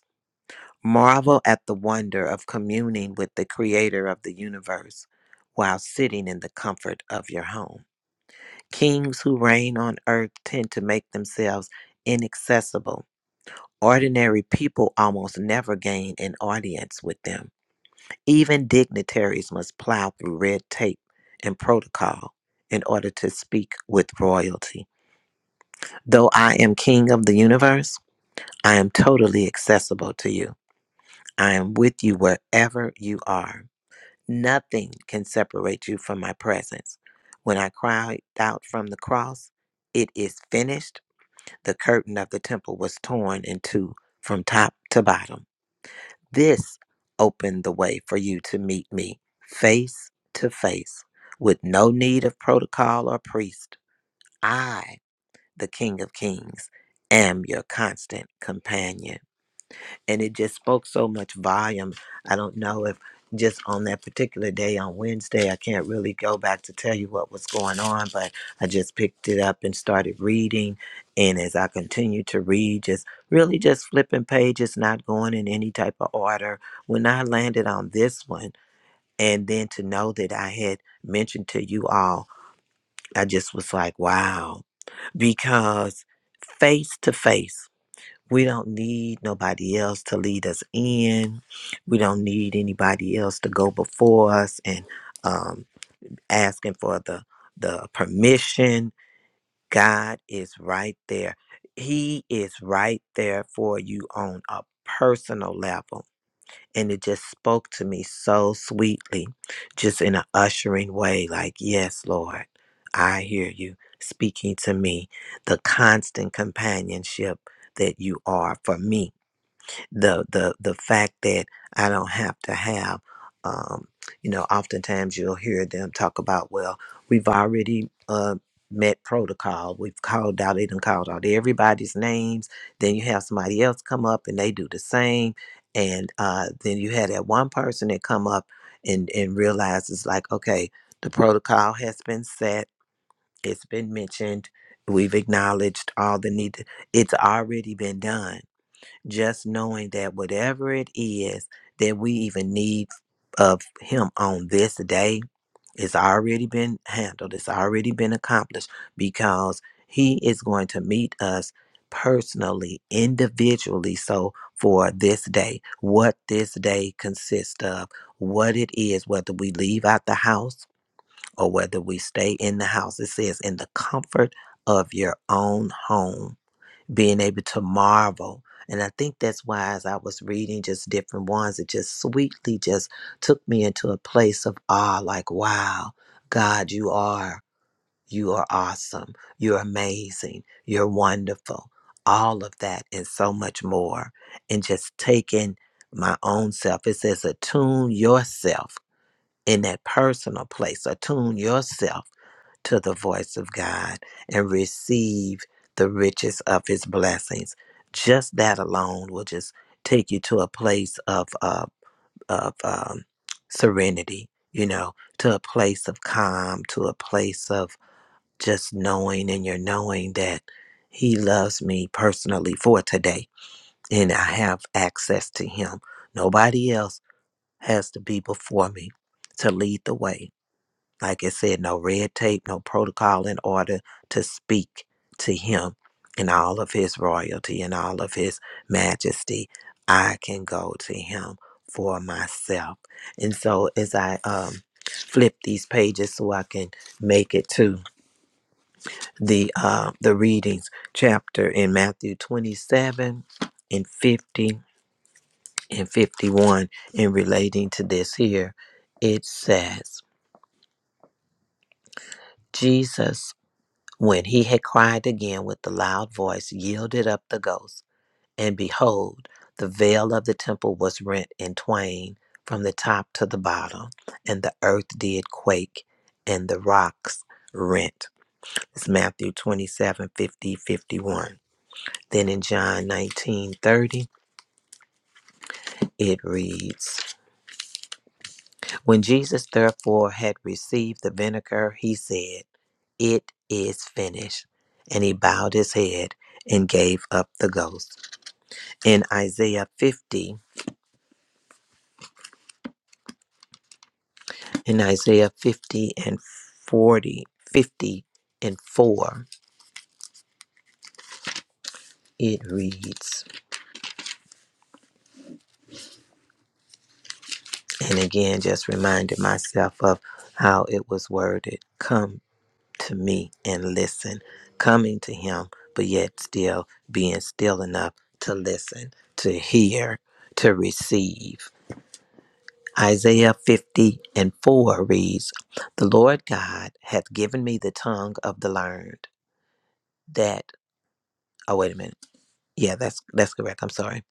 Speaker 1: Marvel at the wonder of communing with the creator of the universe while sitting in the comfort of your home. Kings who reign on earth tend to make themselves inaccessible. Ordinary people almost never gain an audience with them. Even dignitaries must plow through red tape and protocol in order to speak with royalty. Though I am king of the universe, I am totally accessible to you. I am with you wherever you are. Nothing can separate you from my presence. When I cried out from the cross, it is finished. The curtain of the temple was torn in two from top to bottom. This opened the way for you to meet me face to face with no need of protocol or priest. I, the King of Kings, am your constant companion and it just spoke so much volume. I don't know if just on that particular day on Wednesday, I can't really go back to tell you what was going on, but I just picked it up and started reading. And as I continued to read, just really just flipping pages, not going in any type of order. When I landed on this one, and then to know that I had mentioned to you all, I just was like, wow, because face to face. We don't need nobody else to lead us in. We don't need anybody else to go before us and um, asking for the the permission. God is right there. He is right there for you on a personal level. And it just spoke to me so sweetly, just in an ushering way, like, yes, Lord, I hear you speaking to me. The constant companionship that you are for me the the the fact that I don't have to have, um, you know, oftentimes you'll hear them talk about, well, we've already uh, met protocol. We've called out, they done called out everybody's names. Then you have somebody else come up and they do the same, and uh, then you had that one person that come up and and realize it's like, okay, the protocol has been set. It's been mentioned. We've acknowledged all the need. It's already been done just knowing that whatever it is that we even need of him on this day it's already been handled it's already been accomplished because he is going to meet us personally individually so for this day what this day consists of what it is whether we leave out the house or whether we stay in the house it says in the comfort of your own home being able to marvel. And I think that's why, as I was reading just different ones, it just sweetly just took me into a place of awe like, wow, God, you are, you are awesome. You're amazing. You're wonderful. All of that and so much more. And just taking my own self, it says, attune yourself in that personal place, attune yourself to the voice of God and receive the riches of his blessings. Just that alone will just take you to a place of, uh, of um, serenity, you know, to a place of calm, to a place of just knowing and you're knowing that he loves me personally for today and I have access to him. Nobody else has to be before me to lead the way like I said, no red tape, no protocol in order to speak to him in all of his royalty and all of his majesty. I can go to him for myself. And so as I um flip these pages so I can make it to the uh the readings chapter in Matthew 27 and 50 and 51 in relating to this here, it says Jesus When he had cried again with a loud voice, yielded up the ghost, and behold, the veil of the temple was rent in twain from the top to the bottom, and the earth did quake, and the rocks rent. It's Matthew 27 50 51. Then in John 19 30, it reads When Jesus therefore had received the vinegar, he said, It is finished. And he bowed his head and gave up the ghost. in Isaiah 50, in Isaiah 50 and 40, 50 and 4, it reads, and again, just reminded myself of how it was worded come to me and listen, coming to him, but yet still being still enough to listen, to hear, to receive. Isaiah 50 and 4 reads, The Lord God hath given me the tongue of the learned, that, oh, wait a minute. Yeah, that's that's correct. I'm sorry.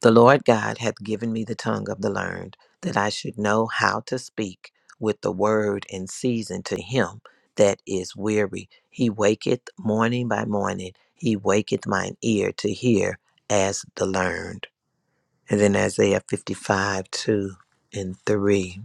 Speaker 1: The Lord God hath given me the tongue of the learned, that I should know how to speak with the word in season to him that is weary. He waketh morning by morning. He waketh mine ear to hear as the learned. And then Isaiah 55, 2 and 3.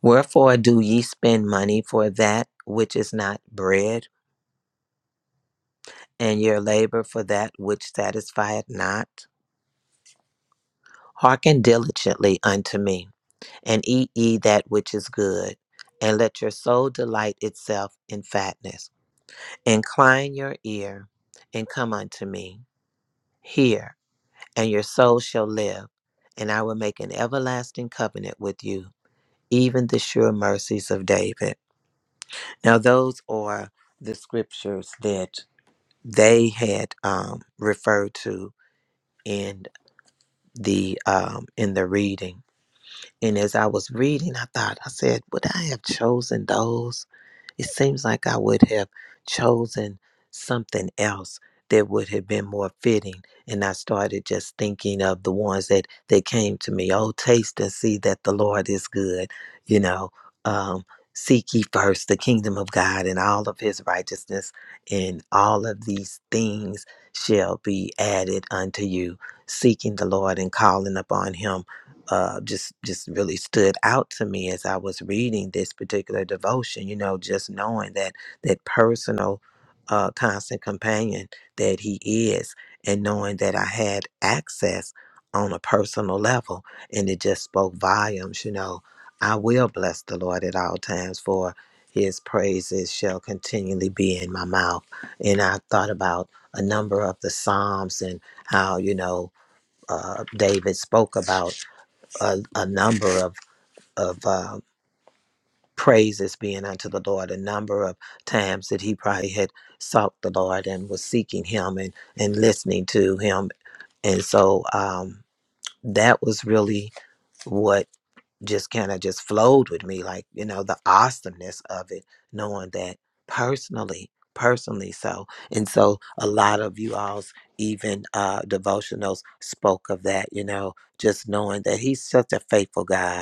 Speaker 1: Wherefore do ye spend money for that which is not bread, and your labor for that which satisfieth not? Hearken diligently unto me and eat ye that which is good, and let your soul delight itself in fatness. Incline your ear and come unto me. Hear, and your soul shall live, and I will make an everlasting covenant with you, even the sure mercies of David. Now, those are the scriptures that they had um, referred to in the um, in the reading. And as I was reading, I thought, I said, would I have chosen those? It seems like I would have chosen something else that would have been more fitting. And I started just thinking of the ones that, that came to me. Oh, taste and see that the Lord is good. You know, um, seek ye first the kingdom of God and all of his righteousness, and all of these things shall be added unto you. Seeking the Lord and calling upon him uh, just just really stood out to me as I was reading this particular devotion. You know, just knowing that that personal, uh, constant companion that He is, and knowing that I had access on a personal level, and it just spoke volumes. You know, I will bless the Lord at all times, for His praises shall continually be in my mouth. And I thought about a number of the Psalms and how you know uh, David spoke about a, a number of of uh, praises being unto the Lord, a number of times that he probably had sought the Lord and was seeking Him and and listening to Him, and so um, that was really what just kind of just flowed with me, like you know the awesomeness of it, knowing that personally, personally so, and so a lot of you all's even uh, devotionals spoke of that, you know, just knowing that He's such a faithful God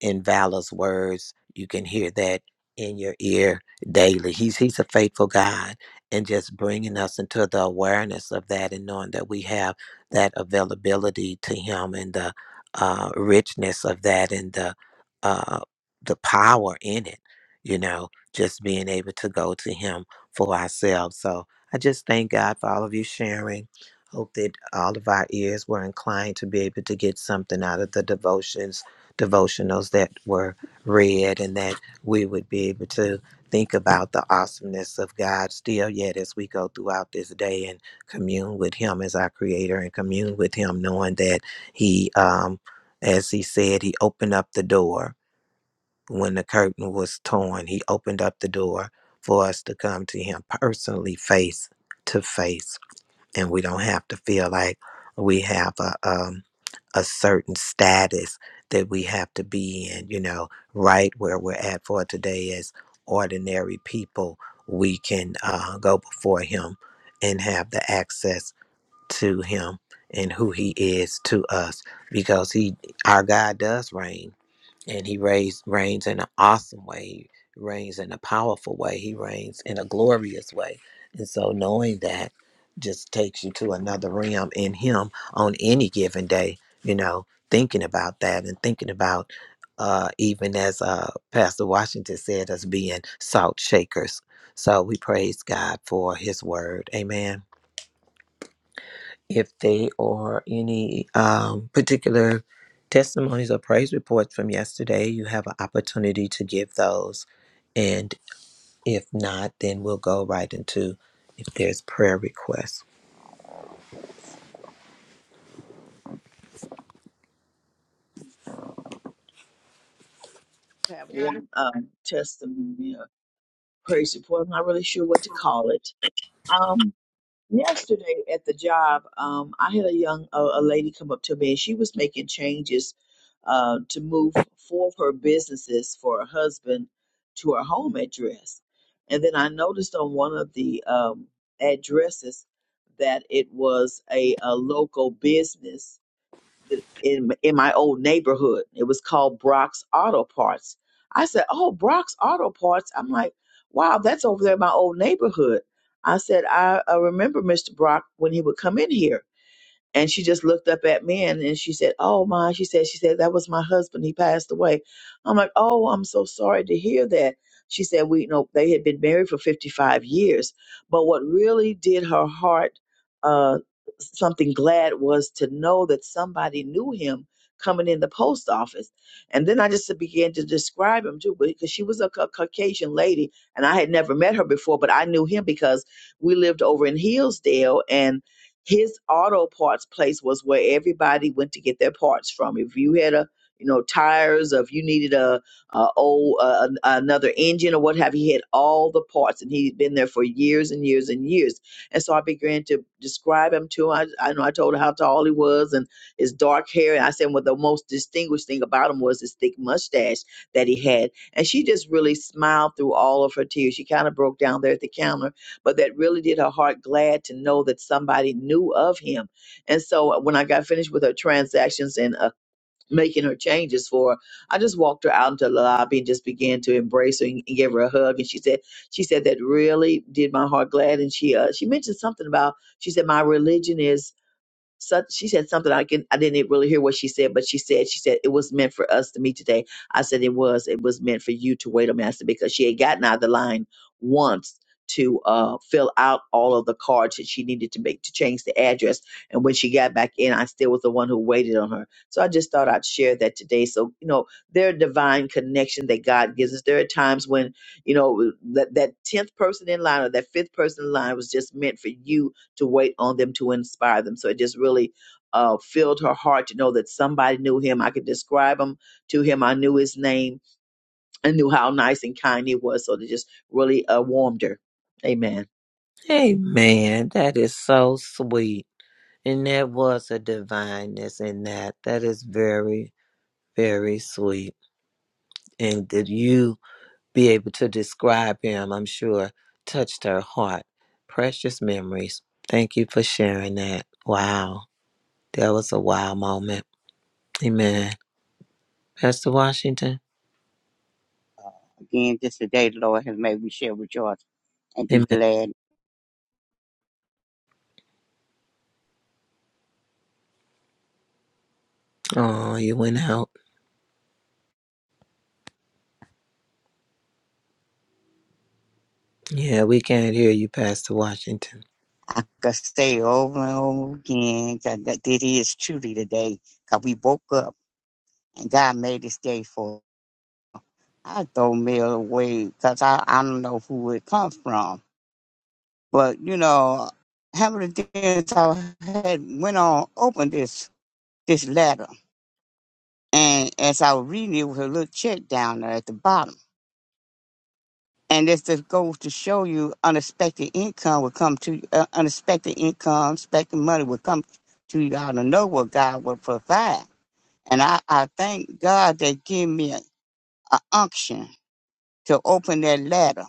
Speaker 1: in Vala's words. You can hear that in your ear daily. He's he's a faithful God, and just bringing us into the awareness of that, and knowing that we have that availability to Him, and the uh, richness of that, and the uh, the power in it. You know, just being able to go to Him for ourselves. So I just thank God for all of you sharing. Hope that all of our ears were inclined to be able to get something out of the devotions devotionals that were read and that we would be able to think about the awesomeness of God still yet as we go throughout this day and commune with Him as our Creator and commune with Him, knowing that He, um, as He said, He opened up the door when the curtain was torn. He opened up the door for us to come to Him personally, face to face and we don't have to feel like we have a um, a certain status that we have to be in. You know, right where we're at for today as ordinary people, we can uh, go before Him and have the access to Him and who He is to us because He, our God, does reign and he reigns, reigns in an awesome way. He reigns in a powerful way. He reigns in a glorious way. And so knowing that just takes you to another realm in him on any given day, you know, thinking about that and thinking about uh, even as uh, Pastor Washington said, us being salt shakers. So we praise God for his word. Amen if they are any um, particular testimonies or praise reports from yesterday, you have an opportunity to give those. And if not, then we'll go right into if there's prayer requests.
Speaker 5: I have one um, testimony. praise report. I'm not really sure what to call it. Um, yesterday at the job, um, I had a young a, a lady come up to me, and she was making changes uh, to move four of her businesses for her husband to her home address. And then I noticed on one of the um, addresses that it was a, a local business th- in in my old neighborhood. It was called Brock's Auto Parts. I said, "Oh, Brock's Auto Parts." I'm like, "Wow, that's over there in my old neighborhood." I said, "I, I remember Mr. Brock when he would come in here." And she just looked up at me and, and she said, Oh my, she said, she said, that was my husband. He passed away. I'm like, Oh, I'm so sorry to hear that. She said, We you know they had been married for 55 years. But what really did her heart uh something glad was to know that somebody knew him coming in the post office. And then I just began to describe him too, because she was a Ca- Caucasian lady and I had never met her before, but I knew him because we lived over in Hillsdale and his auto parts place was where everybody went to get their parts from. If you had a you know tires, or if you needed a, a old uh, another engine or what have you, he had all the parts, and he'd been there for years and years and years. And so I began to describe him to him. I, I know I told her how tall he was and his dark hair, and I said, well, the most distinguished thing about him was his thick mustache that he had. And she just really smiled through all of her tears. She kind of broke down there at the counter but that really did her heart glad to know that somebody knew of him. And so uh, when I got finished with her transactions and uh, making her changes for her, I just walked her out into the lobby and just began to embrace her and, and gave her a hug. And she said, she said that really did my heart glad. And she uh, she mentioned something about she said my religion is so she said something I can I didn't really hear what she said, but she said she said it was meant for us to meet today. I said it was it was meant for you to wait a minute I said, because she had gotten out of the line once to uh, fill out all of the cards that she needed to make to change the address. And when she got back in, I still was the one who waited on her. So I just thought I'd share that today. So you know, their divine connection that God gives us. There are times when you know that that tenth person in line or that fifth person in line was just meant for you to wait on them to inspire them. So it just really uh, filled her heart to know that somebody knew him. I could describe him to him. I knew his name. I knew how nice and kind he was. So it just really uh, warmed her. Amen.
Speaker 1: Amen. That is so sweet. And that was a divineness in that. That is very, very sweet. And did you? be able to describe him, I'm sure, touched her heart. Precious memories. Thank you for sharing that. Wow. That was a wow moment. Amen. Pastor Washington.
Speaker 6: Again, this today the Lord has made me share with y'all and be
Speaker 1: Amen.
Speaker 6: glad.
Speaker 1: Oh, you went out. Yeah, we can't hear you, Pastor Washington.
Speaker 6: I could stay over and over again 'cause that it is truly the day 'cause we woke up and God made this day for I throw mail away because I, I don't know who it come from. But you know, how many times I had went on opened this this letter, and as I was reading it, was a little check down there at the bottom, and this just goes to show you unexpected income will come to uh, unexpected income, expected money will come to you out of nowhere. God will provide, and I I thank God that gave me an unction to open that letter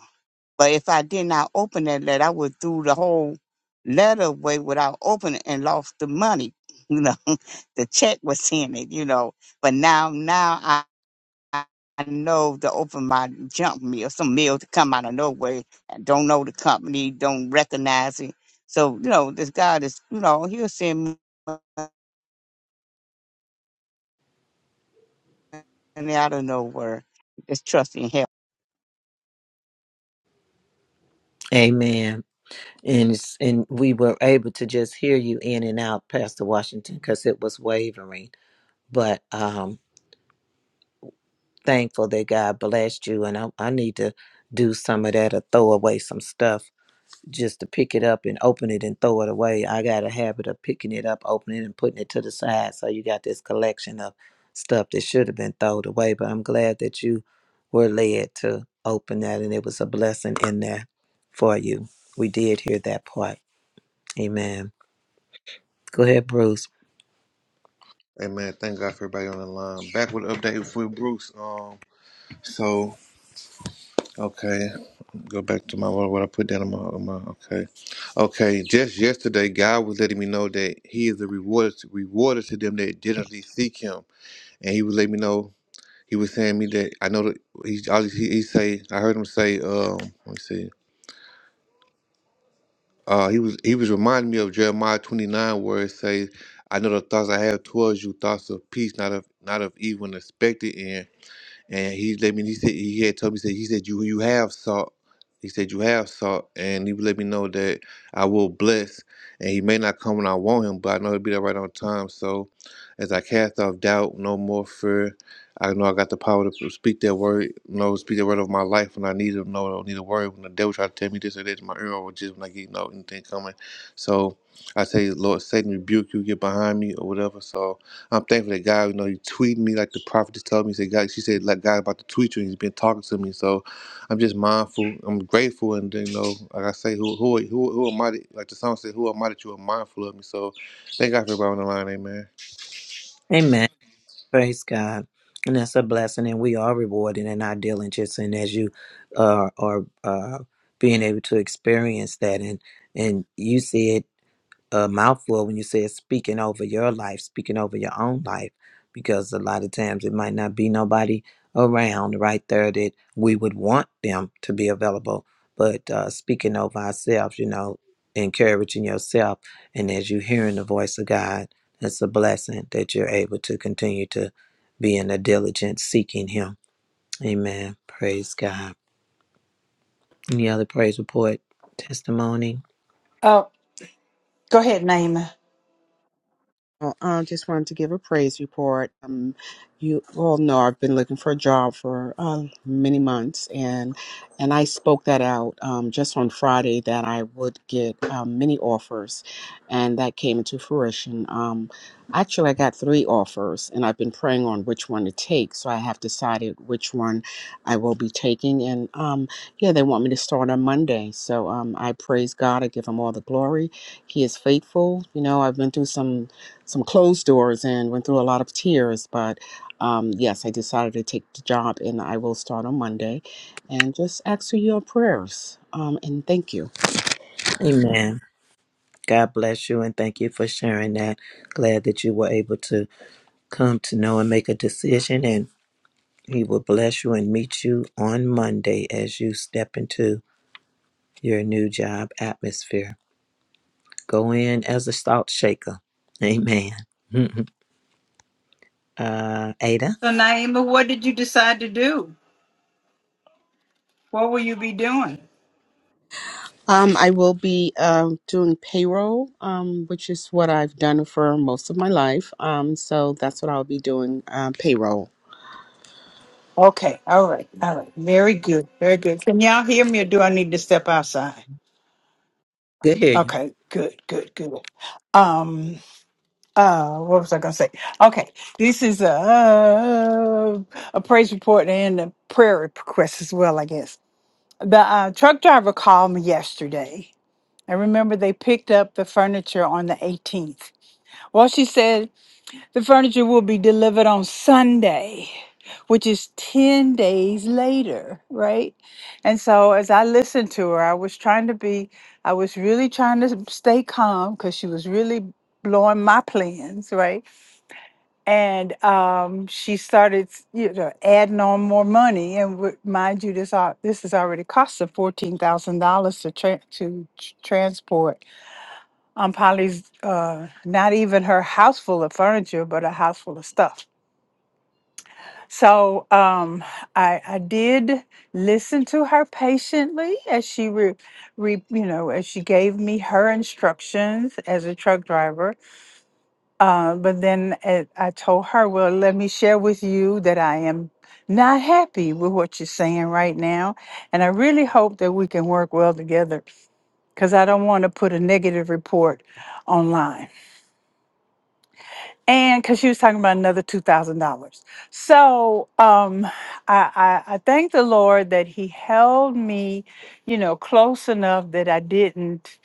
Speaker 6: But if I did not open that letter, I would threw the whole letter away without opening and lost the money. You know, the check was in it. You know, but now now I. I know to open my junk mail, some mail to come out of nowhere and don't know the company, don't recognize it. So, you know, this God is, you know, he'll send money out of nowhere. Just trust in him.
Speaker 1: Amen. And it's, and we were able to just hear you in and out, Pastor Washington, because it was wavering. But um thankful that God blessed you and I, I need to do some of that or throw away some stuff just to pick it up and open it and throw it away. I got a habit of picking it up, opening it, and putting it to the side. So you got this collection of stuff that should have been thrown away. But I'm glad that you were led to open that and it was a blessing in there for you. We did hear that part. Amen. Go ahead, Bruce.
Speaker 10: Hey man, thank God for everybody on the line. Back with an update with Bruce. Um, so okay, go back to my what, what I put down in my, in my okay, okay. Just yesterday, God was letting me know that He is a rewarder to, rewarder to them that diligently seek Him, and He was letting me know. He was saying me that I know that he all he, he say I heard him say um let me see uh he was he was reminding me of Jeremiah twenty nine where it says I know the thoughts I have towards you thoughts of peace not of not of evil and expected end and he let me. He said he had told me. Said he said you you have salt. He said you have salt, and he would let me know that I will bless. And he may not come when I want him, but I know he'll be there right on time. So, as I cast off doubt, no more fear. I know I got the power to speak that word. You know, speak the word of my life when I need it. No, I don't need a word when the devil try to tell me this or that in my ear, or just when I get you know anything coming. So I say, Lord, Satan, rebuke you, get behind me, or whatever. So I'm thankful that God, you know, He tweeted me like the prophet just told me. He said, God, she said, like God about to tweet you, and He's been talking to me. So I'm just mindful. I'm grateful, and you know, like I say, who who who who am I? That, like the song said, who am I that you are mindful of me? So thank God for everybody on the line, Amen.
Speaker 1: Amen. Praise God. And that's a blessing, and we are rewarded in our diligence. And as you are, are uh, being able to experience that, and and you see it a mouthful when you said speaking over your life, speaking over your own life, because a lot of times it might not be nobody around right there that we would want them to be available. But uh, speaking over ourselves, you know, encouraging yourself, and as you hearing the voice of God, it's a blessing that you're able to continue to be in a diligent seeking Him. Amen. Praise God. Any other praise report, testimony?
Speaker 4: Oh, go ahead, Naima.
Speaker 7: Well, um, just wanted to give a praise report. Um, you all know I've been looking for a job for uh, many months, and and I spoke that out um, just on Friday that I would get um, many offers, and that came into fruition. Um, actually, I got three offers, and I've been praying on which one to take. So I have decided which one I will be taking, and um, yeah, they want me to start on Monday. So um, I praise God. I give Him all the glory. He is faithful. You know, I've been through some some closed doors and went through a lot of tears. But um, yes, I decided to take the job and I will start on Monday. And just ask for your prayers. Um, and thank you.
Speaker 1: Amen. God bless you and thank you for sharing that. Glad that you were able to come to know and make a decision. And He will bless you and meet you on Monday as you step into your new job atmosphere. Go in as a salt shaker. Amen. uh, Ada,
Speaker 4: So, Naima, what did you decide to do? What will you be doing?
Speaker 7: Um, I will be um doing payroll, um, which is what I've done for most of my life. Um, so that's what I'll be doing um, payroll.
Speaker 4: Okay, all right, all right. Very good, very good. Can y'all hear me or do I need to step outside?
Speaker 1: good hear you.
Speaker 4: Okay, good, good, good. Um, uh, what was I gonna say? Okay, this is a uh, a praise report and a prayer request as well, I guess. The uh, truck driver called me yesterday. I remember they picked up the furniture on the 18th. Well, she said The furniture will be delivered on Sunday, which is 10 days later, right? And so as I listened to her, I was trying to be, I was really trying to stay calm because she was really blowing my plans, right? And um, she started, you know, adding on more money. And w- mind you, this al- this has already cost her fourteen thousand dollars to tra- to tr- transport um, Polly's uh, not even her house full of furniture, but a house full of stuff So um, I, I did listen to her patiently as she, re, re, you know, as she gave me her instructions as a truck driver. Uh, but then uh, I told her, well, let me share with you that I am not happy with what you're saying right now, and I really hope that we can work well together because I don't want to put a negative report online. and because she was talking about another two thousand dollars. So um, I, I I thank the Lord that He held me, you know, close enough that I didn't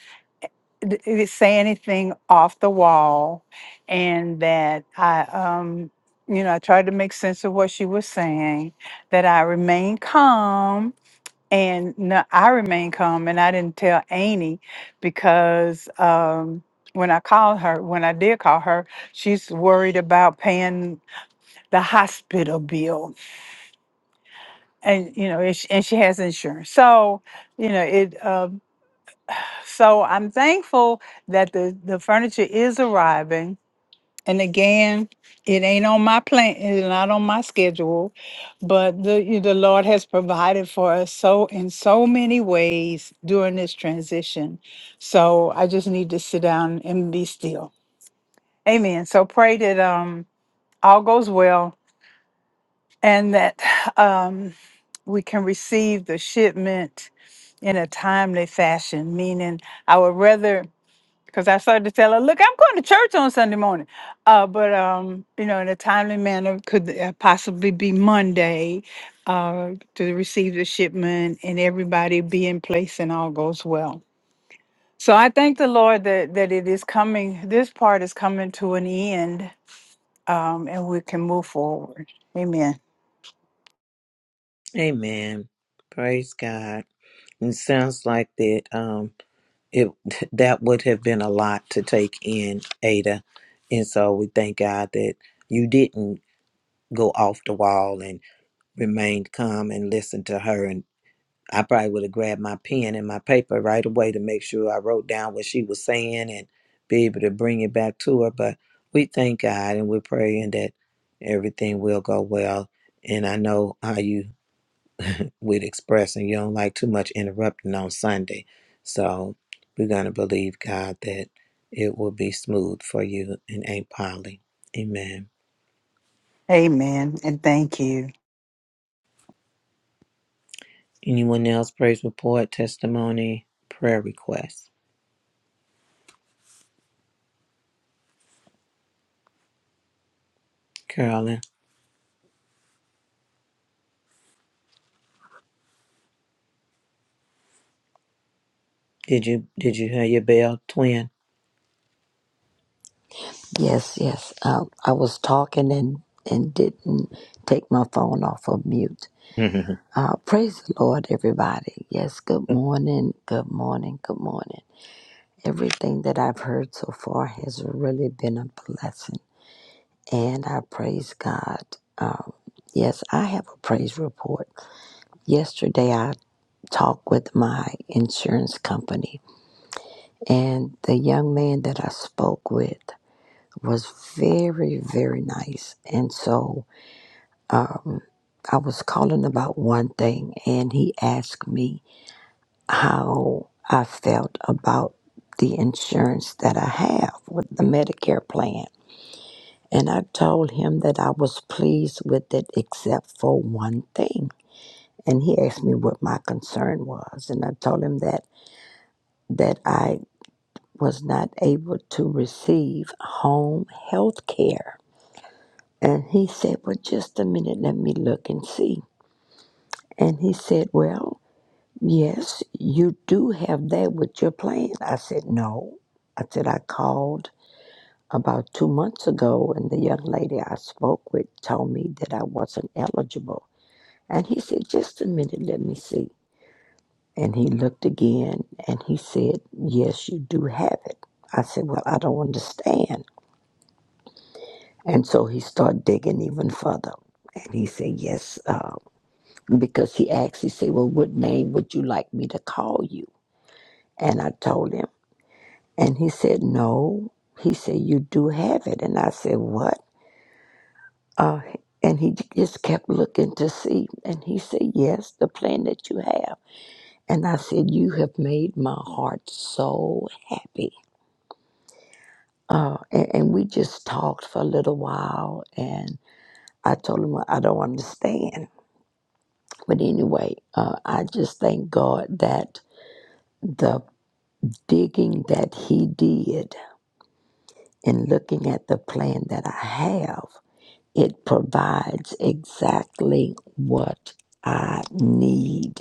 Speaker 4: d- d- say anything off the wall, and that I um, you know, I tried to make sense of what she was saying, that I remained calm and no, I remained calm and I didn't tell Amy because um, when I called her, when I did call her, she's worried about paying the hospital bill and, you know, and she, and she has insurance. So, you know, it, um so I'm thankful that the, the furniture is arriving And again, it ain't on my plan, it's not on my schedule, but the the Lord has provided for us so in so many ways during this transition. So I just need to sit down and be still. Amen. So pray that um all goes well and that um we can receive the shipment in a timely fashion, meaning I would rather because I started to tell her, "Look, I'm going to church on Sunday morning, uh, but um, you know, in a timely manner, could uh, possibly be Monday uh, to receive the shipment and everybody be in place and all goes well." So I thank the Lord that that it is coming. This part is coming to an end, um, and we can move forward. Amen.
Speaker 1: Amen. Praise God. It sounds like that. Um, it that would have been a lot to take in, Ada, and so we thank God that you didn't go off the wall and remained calm and listened to her. And I probably would have grabbed my pen and my paper right away to make sure I wrote down what she was saying and be able to bring it back to her. But we thank God and we're praying that everything will go well. And I know how you would express, and you don't like too much interrupting on Sunday. So we're going to believe God that it will be smooth for you and Aunt Polly. Amen.
Speaker 4: Amen. And thank you.
Speaker 1: Anyone else? Praise report, testimony, prayer request. Carolyn, did you did you hear your bell, twin?
Speaker 12: Yes, yes. Uh, I was talking and, and didn't take my phone off of mute.
Speaker 1: Amen.
Speaker 12: Uh, praise the Lord, everybody. Yes, good morning, good morning, good morning. Everything that I've heard so far has really been a blessing, and I praise God. Um, yes, I have a praise report. Yesterday, I talked with my insurance company, and the young man that I spoke with was very, very nice. And so, um, I was calling about one thing, and he asked me how I felt about the insurance that I have with the Medicare plan. And I told him that I was pleased with it except for one thing. And he asked me what my concern was. And I told him that, that I was not able to receive home health care. And he said, Well, just a minute, let me look and see. And he said, Well, Yes, you do have that with your plan. I said, No. I said, I called about two months ago, and the young lady I spoke with told me that I wasn't eligible. And he said, Just a minute, let me see. And he looked again and he said, Yes, you do have it. I said, Well, I don't understand. And so he started digging even further. And he said, Yes, uh, because he asked, he said, Well, what name would you like me to call you? And I told him. And he said, No. He said, You do have it. And I said, What? Uh, and he just kept looking to see. And he said, Yes, the plan that you have. And I said, You have made my heart so happy. Uh, and, and we just talked for a little while. And I told him, "Well, I don't understand. But anyway, uh, I just thank God that the digging that he did and looking at the plan that I have. It provides exactly what I need.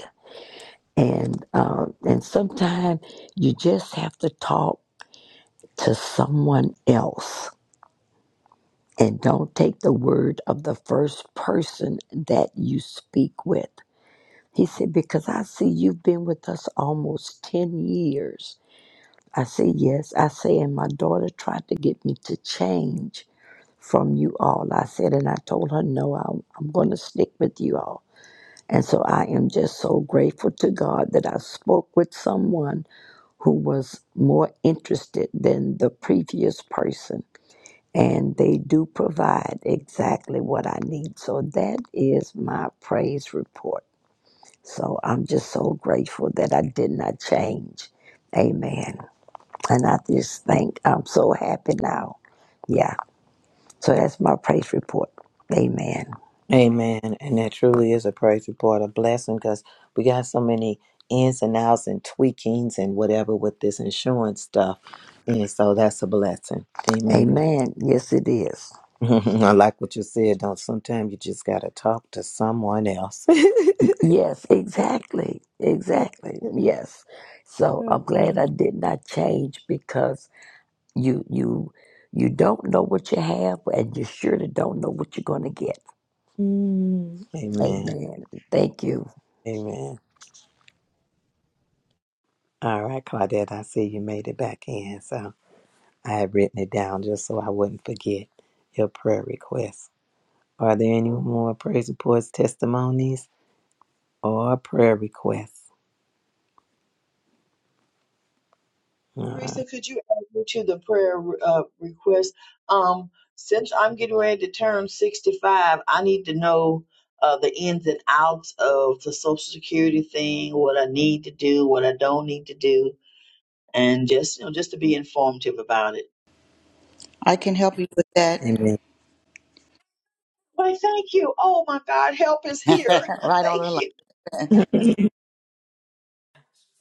Speaker 12: And, um, and sometimes you just have to talk to someone else and don't take the word of the first person that you speak with. He said, Because I see you've been with us almost 10 years. I said, Yes. I say, And my daughter tried to get me to change from you all. I said, And I told her, No, I'm, I'm going to stick with you all. And so I am just so grateful to God that I spoke with someone who was more interested than the previous person. And they do provide exactly what I need. So that is my praise report. So I'm just so grateful that I did not change. Amen. And I just think I'm so happy now. Yeah. So that's my praise report. Amen.
Speaker 1: And that truly is a praise report, a blessing, because we got so many ins and outs and tweakings and whatever with this insurance stuff. And so that's a blessing. Amen.
Speaker 12: Amen. Yes, it is.
Speaker 1: I like what you said. Don't sometimes you just gotta talk to someone else.
Speaker 12: Yes, exactly. Exactly. Yes. So I'm glad I did not change because you you you don't know what you have and you surely don't know what you're gonna get.
Speaker 1: Mm. Amen.
Speaker 12: Amen. Thank you.
Speaker 1: Amen. All right, Claudette, I see you made it back in. So I had written it down just so I wouldn't forget your prayer requests. Are there any more praise reports, testimonies, or prayer requests? All right.
Speaker 5: Teresa, could you add me to the prayer uh, request? Um, since I'm getting ready to turn 65, I need to know uh, the ins and outs of the Social Security thing, what I need to do, what I don't need to do, and just you know, just to be informative about it.
Speaker 8: I can help you with that.
Speaker 1: Amen.
Speaker 5: Why, thank you. Oh my God, help is here.
Speaker 8: right on
Speaker 5: thank
Speaker 8: the line.
Speaker 5: you.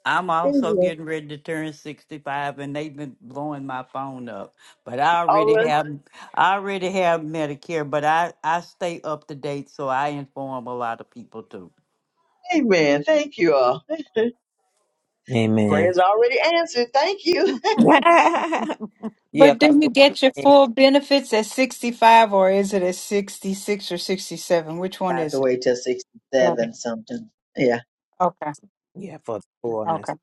Speaker 13: I'm also
Speaker 5: Amen.
Speaker 13: getting ready to turn 65 and they've been blowing my phone up. But I
Speaker 5: All
Speaker 13: already
Speaker 5: right.
Speaker 13: have I already have Medicare, but I I stay up to date so I inform a lot of people too.
Speaker 5: Amen. Thank you all.
Speaker 1: Amen.
Speaker 5: Prayers already answered. Thank you.
Speaker 1: yeah,
Speaker 4: But
Speaker 1: because
Speaker 4: didn't you
Speaker 1: the one
Speaker 4: get your
Speaker 1: thing,
Speaker 4: full benefits at 65 or is it at 66 or 67? Which
Speaker 5: I
Speaker 4: one
Speaker 5: have
Speaker 4: is
Speaker 5: to
Speaker 4: it?
Speaker 5: wait till
Speaker 4: Okay.
Speaker 5: 67 something. Yeah.
Speaker 4: Okay.
Speaker 1: yeah, for the
Speaker 4: Okay.
Speaker 1: fullness,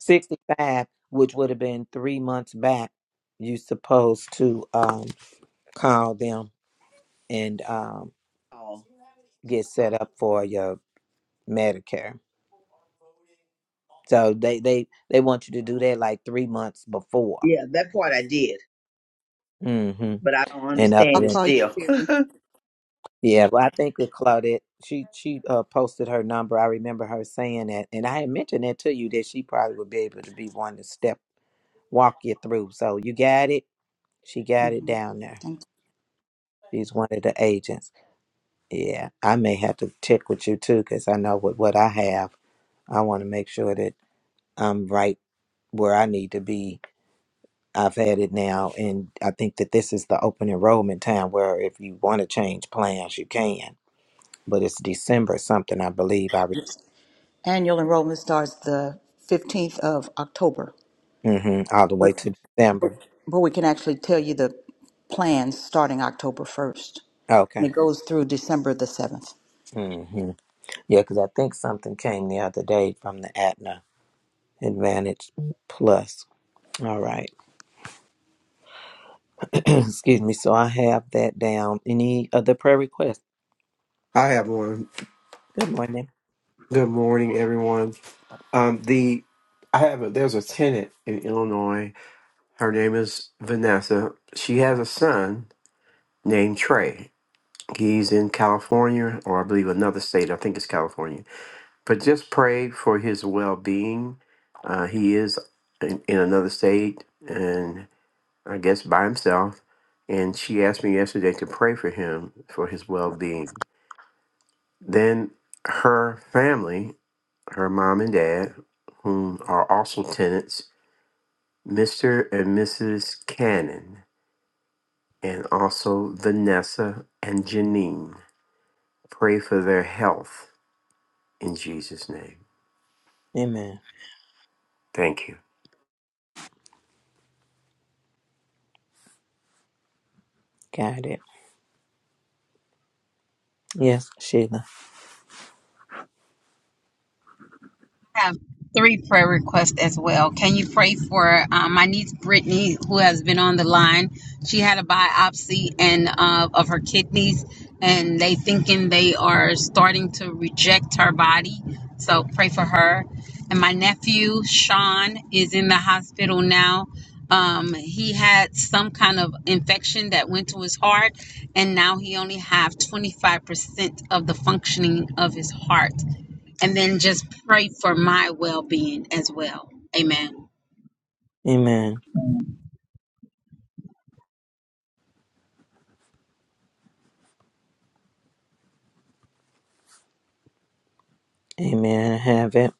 Speaker 1: 65, which would have been three months back, you supposed to um, call them and um,
Speaker 5: Oh,
Speaker 1: get set up for your Medicare. So they they they want you to do that like three months before.
Speaker 5: yeah, that part I did,
Speaker 1: hmm
Speaker 5: but I don't
Speaker 1: And other
Speaker 8: I'll
Speaker 5: understand it
Speaker 1: than
Speaker 8: call you
Speaker 5: still.
Speaker 8: Siri.
Speaker 1: yeah, well, I think that Claudette she she uh, posted her number. I remember her saying that, and I had mentioned that to you that she probably would be able to be one to step walk you through. So you got it. She got it
Speaker 8: hmm
Speaker 1: down there.
Speaker 8: Thank
Speaker 1: She's one of the agents. Yeah, I may have to check with you too because I know what what I have. I want to make sure that I'm right where I need to be I've had it now, and I think that this is the open enrollment time where if you want to change plans, you can. But it's December something, I believe. I re-
Speaker 8: you. Annual enrollment starts the 15th of October,
Speaker 1: hmm all the
Speaker 8: but,
Speaker 1: way to
Speaker 8: but
Speaker 1: December.
Speaker 8: but we can actually tell you the plans starting October 1st. And
Speaker 1: Okay.
Speaker 8: it goes through December the 7th.
Speaker 1: hmm Yeah, because I think something came the other day from the Atna Advantage Plus. All right. Excuse me. So I have that down. Any other prayer requests?
Speaker 14: I have one.
Speaker 1: Good morning.
Speaker 14: Good morning, everyone. Um, the I have a, there's a tenant in Illinois. Her name is Vanessa. She has a son named Trey. He's in California, or I believe another state. I think it's California. But just pray for his well being. Uh, he is in, in another state, and I guess by himself. And she asked me yesterday to pray for him for his well being. Then her family, her mom and dad, whom are also tenants, Mr. and Mrs. Cannon, and also Vanessa and Janine. Pray for their health in Jesus' name.
Speaker 1: Amen.
Speaker 14: Thank
Speaker 1: Got it. Yes, Sheila.
Speaker 15: have three prayer requests as well. Can you pray for um, my niece Brittany, who has been on the line? She had a biopsy and uh, of her kidneys, and they thinking they are starting to reject her body. So pray for her. And my nephew Sean is in the hospital now. Um, he had some kind of infection that went to his heart, and now he only have 25% of the functioning of his heart and then just pray for my well being as well. Amen.
Speaker 1: Amen. Amen. I have it.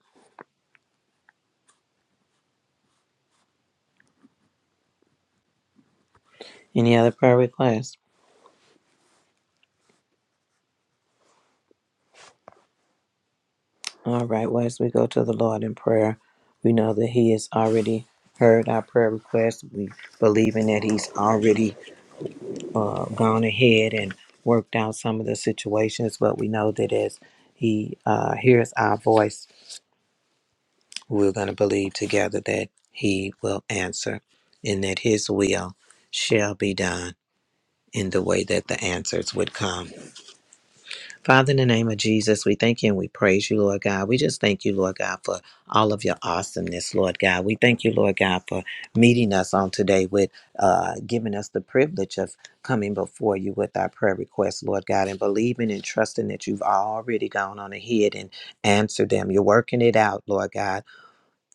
Speaker 1: Any other prayer requests? All right, well, as we go to the Lord in prayer, we know that He has already heard our prayer request. We believe in that He's already uh, gone ahead and worked out some of the situations, but we know that as He uh, hears our voice, we're going to believe together that He will answer and that His will shall be done in the way that the answers would come. Father, in the name of Jesus, we thank you and we praise you, Lord God. We just thank you, Lord God, for all of your awesomeness, Lord God. We thank you, Lord God, for meeting us on today with uh, giving us the privilege of coming before you with our prayer requests, Lord God, and believing and trusting that you've already gone on ahead and answered them. You're working it out, Lord God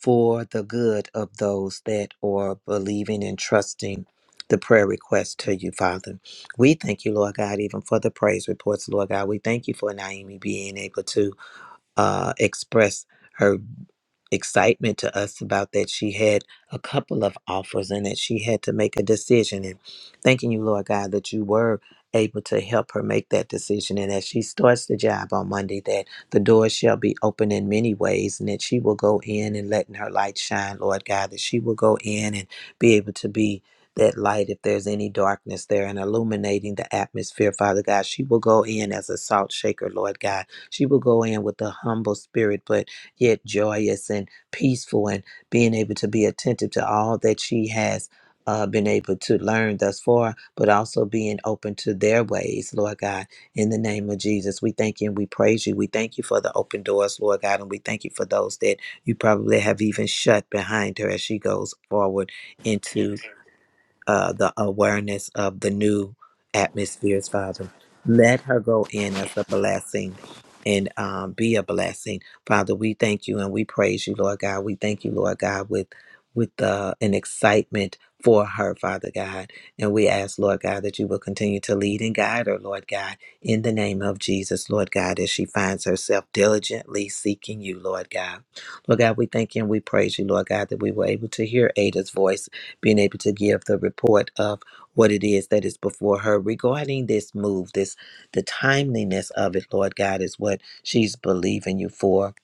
Speaker 1: for the good of those that are believing and trusting the prayer request to you, Father. We thank you, Lord God, even for the praise reports, Lord God. We thank you for Naomi being able to uh, express. her excitement to us about that she had a couple of offers and that she had to make a decision and thanking you lord god that you were able to help her make that decision and as she starts the job on monday that the doors shall be open in many ways and that she will go in and letting her light shine lord god that she will go in and be able to be that light if there's any darkness there and illuminating the atmosphere father god she will go in as a salt shaker lord god she will go in with a humble spirit but yet joyous and peaceful and being able to be attentive to all that she has uh, been able to learn thus far, but also being open to their ways, Lord God. In the name of Jesus, we thank you and we praise you. We thank you for the open doors, Lord God, and we thank you for those that you probably have even shut behind her as she goes forward
Speaker 14: you.
Speaker 1: into uh, the awareness of the new atmospheres, Father. Let her go in as a blessing and um, be a blessing, Father. We thank you and we praise you, Lord God. We thank you, Lord God, with with uh, an excitement for her, Father God. And we ask, Lord God, that you will continue to lead and guide her, Lord God, in the name of Jesus, Lord God, as she finds herself diligently seeking you, Lord God. Lord God, we thank you and we praise you, Lord God, that we were able to hear Ada's voice being able to give the report of what it is that is before her regarding this move, this the timeliness of it, Lord God, is what she's believing you for.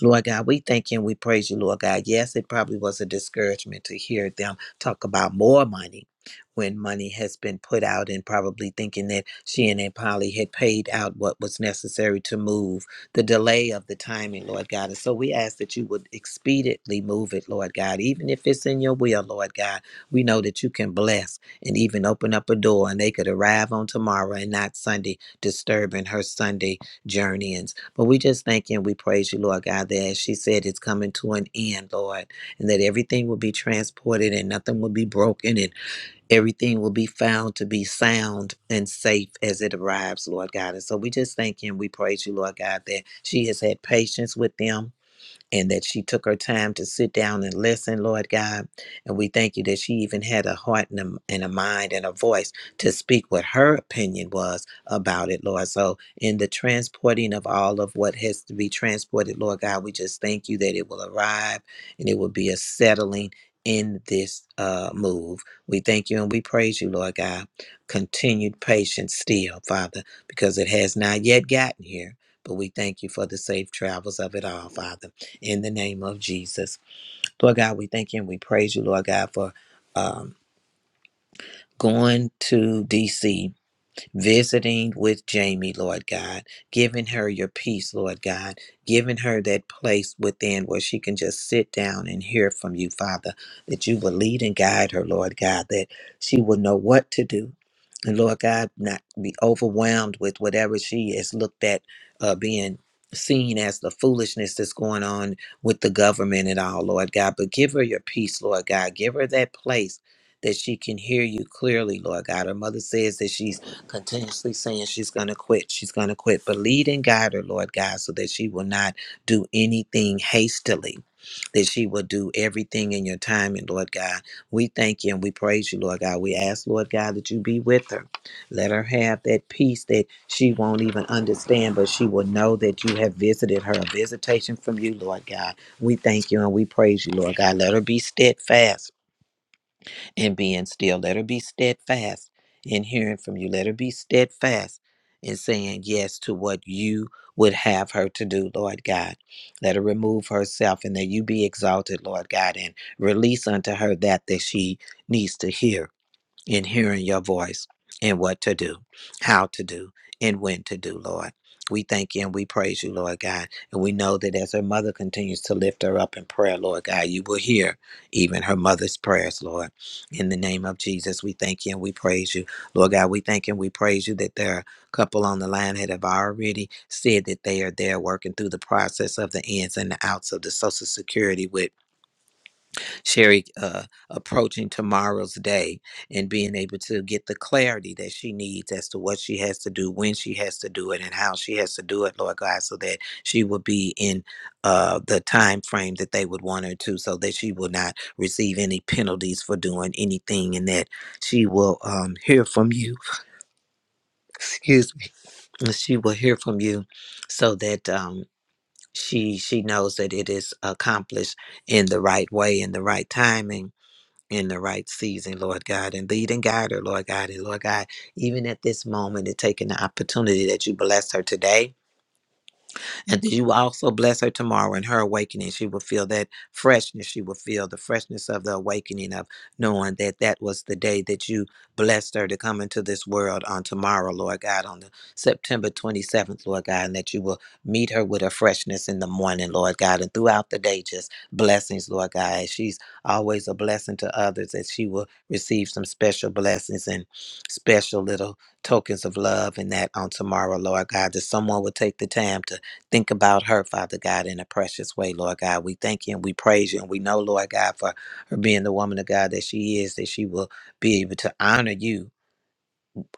Speaker 1: Lord God, we thank you and we praise you, Lord God. Yes, it probably was a discouragement to hear them talk about more money when money has been put out and probably thinking that she and Aunt Polly had paid out what was necessary to move the delay of the timing, Lord God. And so we ask that you would expediently move it, Lord God, even if it's in your will, Lord God we know that you can bless and even open up a door, and they could arrive on tomorrow and not Sunday, disturbing her Sunday journeyings. But we just thank you and we praise you, Lord God, that as she said, it's coming to an end, Lord, and that everything will be transported and nothing will be broken and everything will be found to be sound and safe as it arrives, Lord God. And so we just thank you and we praise you, Lord God, that she has had patience with them and that she took her time to sit down and listen, Lord God. And we thank you that she even had a heart and a, and a mind and a voice to speak what her opinion was about it, Lord. So, in the transporting of all of what has to be transported, Lord God, we just thank you that it will arrive and it will be a settling in this uh, move. We thank you and we praise you, Lord God. Continued patience still, Father, because it has not yet gotten here. But we thank you for the safe travels of it all, Father in the name of Jesus. Lord God, we thank you and we praise you, Lord God, for um, going to DC visiting with Jamie, Lord God, giving her your peace, Lord God, giving her that place within where she can just sit down and hear from you, Father, that you will lead and guide her, Lord God, that she will know what to do. And Lord God, not be overwhelmed with whatever she has looked at uh, being seen as the foolishness that's going on with the government and all, Lord God. But give her your peace, Lord God. Give her that place that she can hear you clearly, Lord God. Her mother says that she's continuously saying she's going to quit. She's going to quit. But lead and guide her, Lord God, so that she will not do anything hastily, that she will do everything in your time. And Lord God, we thank you and we praise you, Lord God. We ask, Lord God, that you be with her. Let her have that peace that she won't even understand, but she will know that you have visited her, a visitation from you, Lord God. We thank you and we praise you, Lord God. Let her be steadfast and being still. Let her be steadfast in hearing from you. Let her be steadfast in saying yes to what you would have her to do, Lord God. Let her remove herself and that you be exalted, Lord God, and release unto her that that she needs to hear in hearing your voice and what to do, how to do, and when to do, Lord. We thank you and we praise you, Lord God. And we know that as her mother continues to lift her up in prayer, Lord God, you will hear even her mother's prayers, Lord. In the name of Jesus, we thank you and we praise you. Lord God, we thank you and we praise you that there are a couple on the line that have already said that they are there working through the process of the ins and the outs of the Social Security with Sherry uh, approaching tomorrow's day and being able to get the clarity that she needs as to what she has to do, when she has to do it, and how she has to do it, Lord God, so that she will be in uh, the time frame that they would want her to, so that she will not receive any penalties for doing anything, and that she will um, hear from you. Excuse me. and She will hear from you, so that. Um, she she knows that it is accomplished in the right way in the right timing in the right season, Lord God, and lead and guide her, Lord God. And Lord God, even at this moment and taking the opportunity that you bless her today and that you will also bless her tomorrow in her awakening. She will feel that freshness. She will feel the freshness of the awakening of knowing that that was the day that you blessed her to come into this world on tomorrow, Lord God, on the September 27th, Lord God, and that you will meet her with a freshness in the morning, Lord God, and throughout the day, just blessings, Lord God. As She's always a blessing to others, that she will receive some special blessings and special little tokens of love and that on tomorrow, Lord God, that someone will take the time to Think about her, Father God, in a precious way, Lord God. We thank you and we praise you. And we know, Lord God, for her being the woman of God that she is, that she will be able to honor you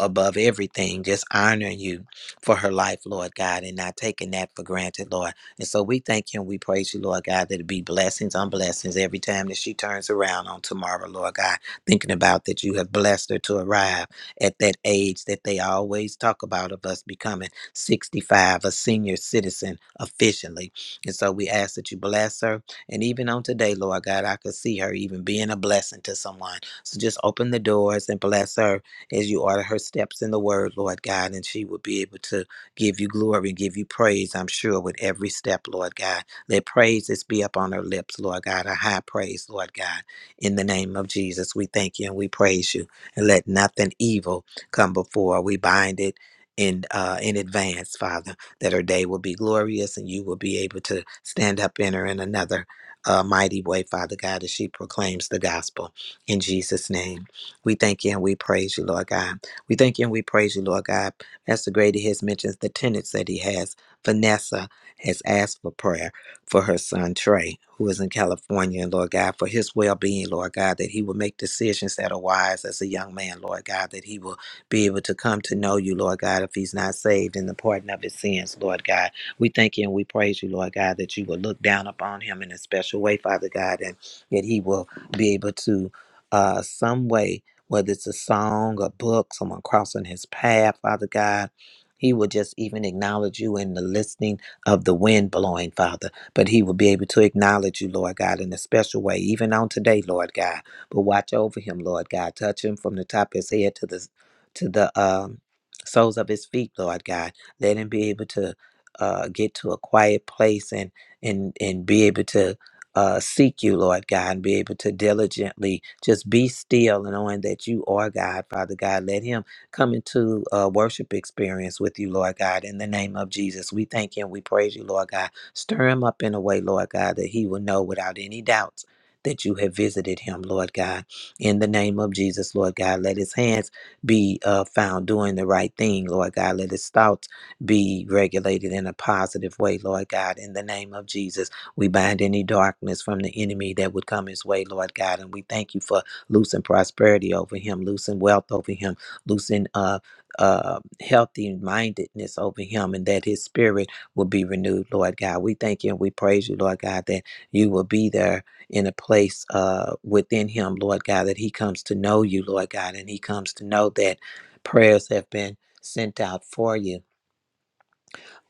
Speaker 1: above everything, just honoring you for her life, Lord God, and not taking that for granted, Lord. And so we thank you and we praise you, Lord God, that it be blessings on blessings every time that she turns around on tomorrow, Lord God, thinking about that you have blessed her to arrive at that age that they always talk about of us becoming 65, a senior citizen efficiently. And so we ask that you bless her. And even on today, Lord God, I could see her even being a blessing to someone. So just open the doors and bless her as you order her steps in the word, Lord God, and she will be able to give you glory and give you praise, I'm sure, with every step, Lord God. Let praises be up on her lips, Lord God, a high praise, Lord God. In the name of Jesus, we thank you and we praise you. And let nothing evil come before. We bind it in uh, in advance, Father, that her day will be glorious and you will be able to stand up in her in another uh, mighty way, Father God, as she proclaims the gospel. In Jesus' name. We thank you and we praise you, Lord God. We thank you and we praise you, Lord God. Pastor Grady has mentioned the tenants that he has. Vanessa has asked for prayer for her son Trey, who is in California, and Lord God, for his well being, Lord God, that he will make decisions that are wise as a young man, Lord God, that he will be able to come to know you, Lord God, if he's not saved in the pardon of his sins, Lord God. We thank you and we praise you, Lord God, that you will look down upon him in a special way, Father God, and that he will be able to uh some way whether it's a song, a book, someone crossing his path, Father God. He will just even acknowledge you in the listening of the wind blowing, Father. But he will be able to acknowledge you, Lord God, in a special way, even on today, Lord God. But watch over him, Lord God. Touch him from the top of his head to the to the um, soles of his feet, Lord God. Let him be able to uh, get to a quiet place and and and be able to uh, seek you, Lord God, and be able to diligently just be still and knowing that you are God, Father God. Let Him come into a worship experience with you, Lord God, in the name of Jesus. We thank you and we praise you, Lord God. Stir Him up in a way, Lord God, that He will know without any doubts. That you have visited him, Lord God. In the name of Jesus, Lord God, let his hands be uh, found doing the right thing, Lord God. Let his thoughts be regulated in a positive way, Lord God. In the name of Jesus. We bind any darkness from the enemy that would come his way, Lord God. And we thank you for loosing prosperity over him, loosing wealth over him, loosing uh, uh, healthy mindedness over him, and that his spirit will be renewed, Lord God. We thank you and we praise you, Lord God, that you will be there in a place uh, within him, Lord God, that he comes to know you, Lord God, and he comes to know that prayers have been sent out for you.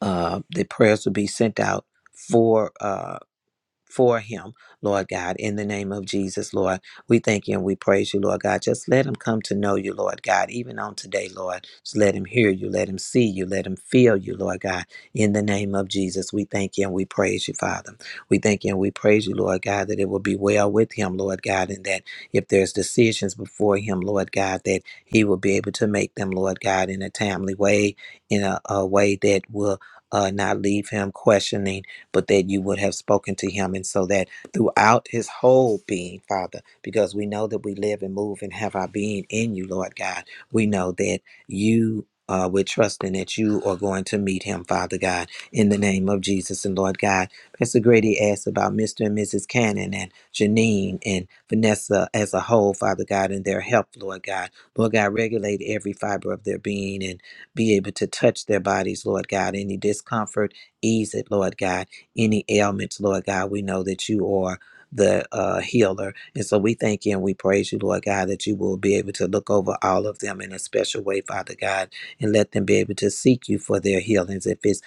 Speaker 1: Uh, the prayers will be sent out for. uh, for him, Lord God, in the name of Jesus, Lord. We thank you and we praise you, Lord God. Just let him come to know you, Lord God, even on today, Lord. Just let him hear you, let him see you, let him feel you, Lord God, in the name of Jesus. We thank you and we praise you, Father. We thank you and we praise you, Lord God, that it will be well with him, Lord God, and that if there's decisions before him, Lord God, that he will be able to make them, Lord God, in a timely way, in a, a way that will uh, not leave him questioning but that you would have spoken to him. And so that throughout his whole being, Father, because we know that we live and move and have our being in you, Lord God, we know that you. Uh, we're trusting that you are going to meet him, Father God, in the name of Jesus and Lord God. Pastor Grady asked about Mr. and Mrs. Cannon and Janine and Vanessa as a whole, Father God, and their health, Lord God. Lord God, regulate every fiber of their being and be able to touch their bodies, Lord God. Any discomfort, ease it, Lord God any ailments, Lord God. We know that you are the uh, healer. And so we thank you and we praise you, Lord God, that you will be able to look over all of them in a special way, Father God, and let them be able to seek you for their healings if it's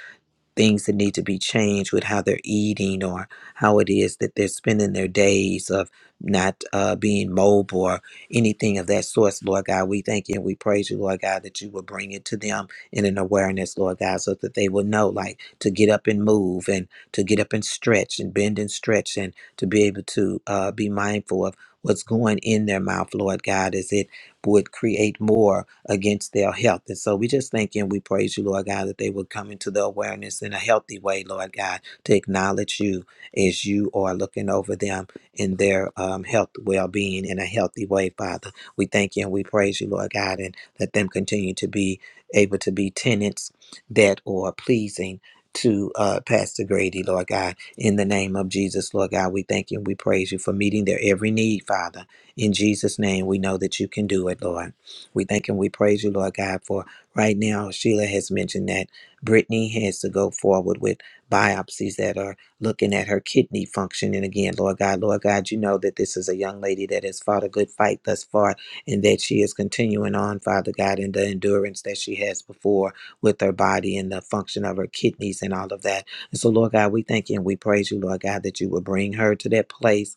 Speaker 1: things that need to be changed with how they're eating or how it is that they're spending their days of not uh, being mobile or anything of that sort, Lord God. We thank you and we praise you, Lord God, that you will bring it to them in an awareness, Lord God, so that they will know, like, to get up and move and to get up and stretch and bend and stretch and to be able to uh, be mindful of what's going in their mouth, Lord God, as it would create more against their health. And so we just thank you and we praise you, Lord God, that they will come into the awareness in a healthy way, Lord God, to acknowledge you as you are looking over them in their um, health, well being in a healthy way, Father. We thank you and we praise you, Lord God, and let them continue to be able to be tenants that are pleasing. To uh, Pastor Grady, Lord God, in the name of Jesus, Lord God, we thank you and we praise you for meeting their every need, Father. In Jesus' name, we know that you can do it, Lord. We thank and we praise you, Lord God, for right now. Sheila has mentioned that Brittany has to go forward with biopsies that are looking at her kidney function. And again, Lord God, Lord God, you know that this is a young lady that has fought a good fight thus far and that she is continuing on, Father God, in the endurance that she has before with her body and the function of her kidneys and all of that. And so, Lord God, we thank you and we praise you, Lord God, that you will bring her to that place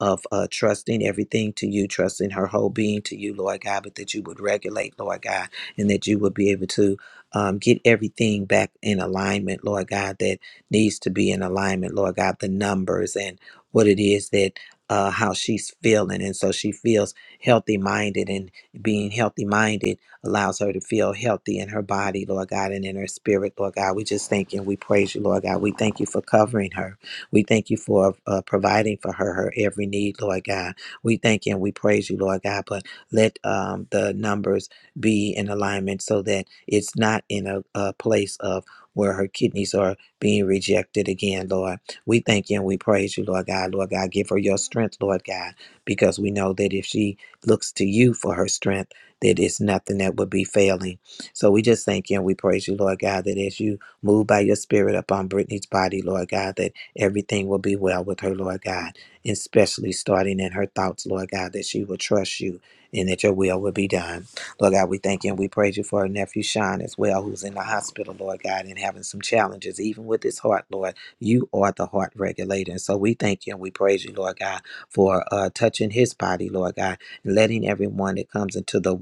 Speaker 1: of uh, trusting everything to you, trusting her whole being to you, Lord God, but that you would regulate, Lord God, and that you would be able to um, get everything back in alignment, Lord God, that needs to be in alignment, Lord God, the numbers and what it is that. Uh, how she's feeling. And so she feels healthy minded, and being healthy minded allows her to feel healthy in her body, Lord God, and in her spirit, Lord God. We just thank you and we praise you, Lord God. We thank you for covering her. We thank you for uh, providing for her her every need, Lord God. We thank you and we praise you, Lord God. But let um, the numbers be in alignment so that it's not in a, a place of where her kidneys are being rejected again, Lord. We thank you and we praise you, Lord God. Lord God, give her your strength, Lord God, because we know that if she looks to you for her strength, that it's nothing that would be failing. So we just thank you and we praise you, Lord God, that as you move by your spirit upon Brittany's body, Lord God, that Everything will be well with her, Lord God, especially starting in her thoughts, Lord God, that she will trust you and that your will will be done. Lord God, we thank you and we praise you for her nephew Sean as well, who's in the hospital, Lord God, and having some challenges, even with his heart, Lord. You are the heart regulator. And so we thank you and we praise you, Lord God, for uh, touching his body, Lord God, and letting everyone that comes into the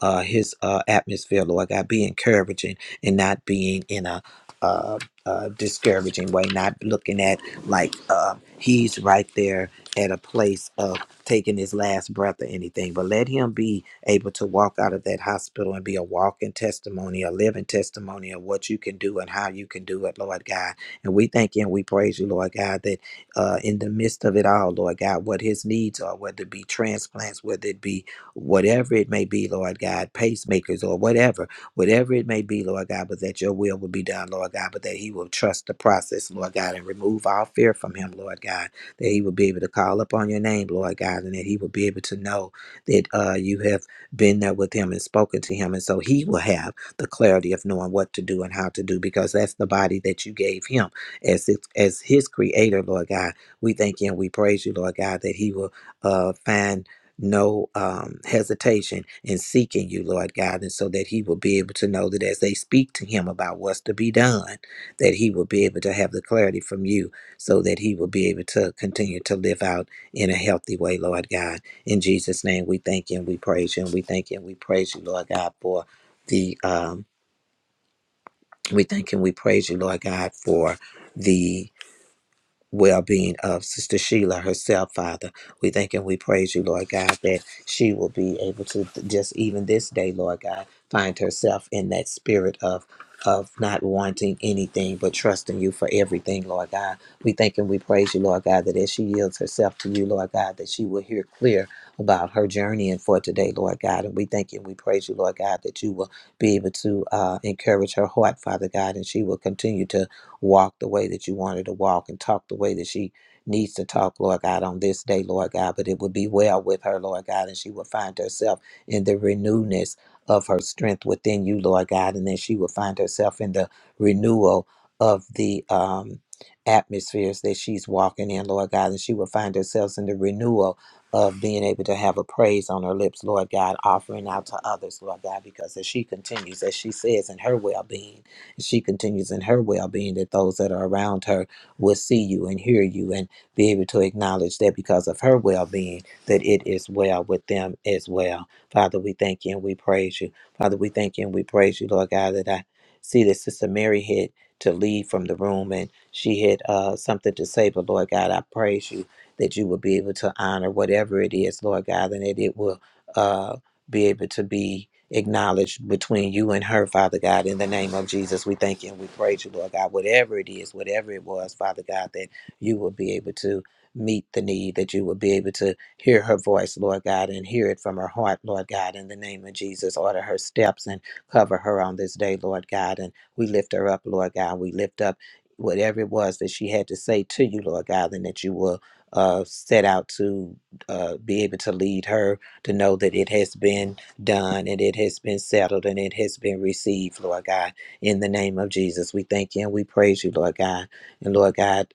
Speaker 1: uh, his uh, atmosphere, Lord God, be encouraging and not being in a uh, uh, discouraging way, not looking at like uh, he's right there at a place of taking his last breath or anything. But let him be able to walk out of that hospital and be a walking testimony, a living testimony of what you can do and how you can do it, Lord God. And we thank you and we praise you, Lord God, that uh, in the midst of it all, Lord God, what his needs are, whether it be transplants, whether it be whatever it may be, Lord God, pacemakers or whatever whatever it may be, Lord God, but that your will will be done, Lord God, but that he will trust the process, Lord God, and remove all fear from him, Lord God, that he will be able to call upon your name, Lord God, and that he will be able to know that uh, you have been there with him and spoken to him. And so he will have the clarity of knowing what to do and how to do, because that's the body that you gave him as, it, as his creator, Lord God. We thank you and we praise you, Lord God, that he will uh, find no um, hesitation in seeking you, Lord God, and so that he will be able to know that as they speak to him about what's to be done, that he will be able to have the clarity from you so that he will be able to continue to live out in a healthy way, Lord God. In Jesus' name, we thank you and we praise you and we thank you and we praise you, Lord God, for the, um, we thank you and we praise you, Lord God, for the well being of Sister Sheila herself, Father. We thank and we praise you, Lord God, that she will be able to just even this day, Lord God, find herself in that spirit of. Of not wanting anything but trusting you for everything, Lord God. We thank and we praise you, Lord God, that as she yields herself to you, Lord God, that she will hear clear about her journey and for today, Lord God. And we thank and we praise you, Lord God, that you will be able to uh, encourage her heart, Father God, and she will continue to walk the way that you wanted to walk and talk the way that she needs to talk, Lord God, on this day, Lord God. But it would be well with her, Lord God, and she would find herself in the renewness of her strength within you, Lord God, and then she would find herself in the renewal of the um atmospheres that she's walking in, Lord God, and she would find herself in the renewal of being able to have a praise on her lips, Lord God, offering out to others, Lord God, because as she continues, as she says in her well being. She continues in her well being that those that are around her will see you and hear you and be able to acknowledge that because of her well being, that it is well with them as well. Father, we thank you and we praise you. Father, we thank you and we praise you, Lord God, that I see that Sister Mary had to leave from the room and she had uh, something to say, but Lord God, I praise you that you will be able to honor whatever it is, Lord God, and that it will uh, be able to be acknowledged between you and her, Father God. In the name of Jesus, we thank you and we praise you, Lord God. Whatever it is, whatever it was, Father God, that you will be able to meet the need, that you will be able to hear her voice, Lord God, and hear it from her heart, Lord God. In the name of Jesus, order her steps and cover her on this day, Lord God. And we lift her up, Lord God. We lift up whatever it was that she had to say to you, Lord God, and that you will. Uh, set out to uh, be able to lead her to know that it has been done and it has been settled and it has been received, Lord God. In the name of Jesus, we thank you and we praise you, Lord God. And Lord God,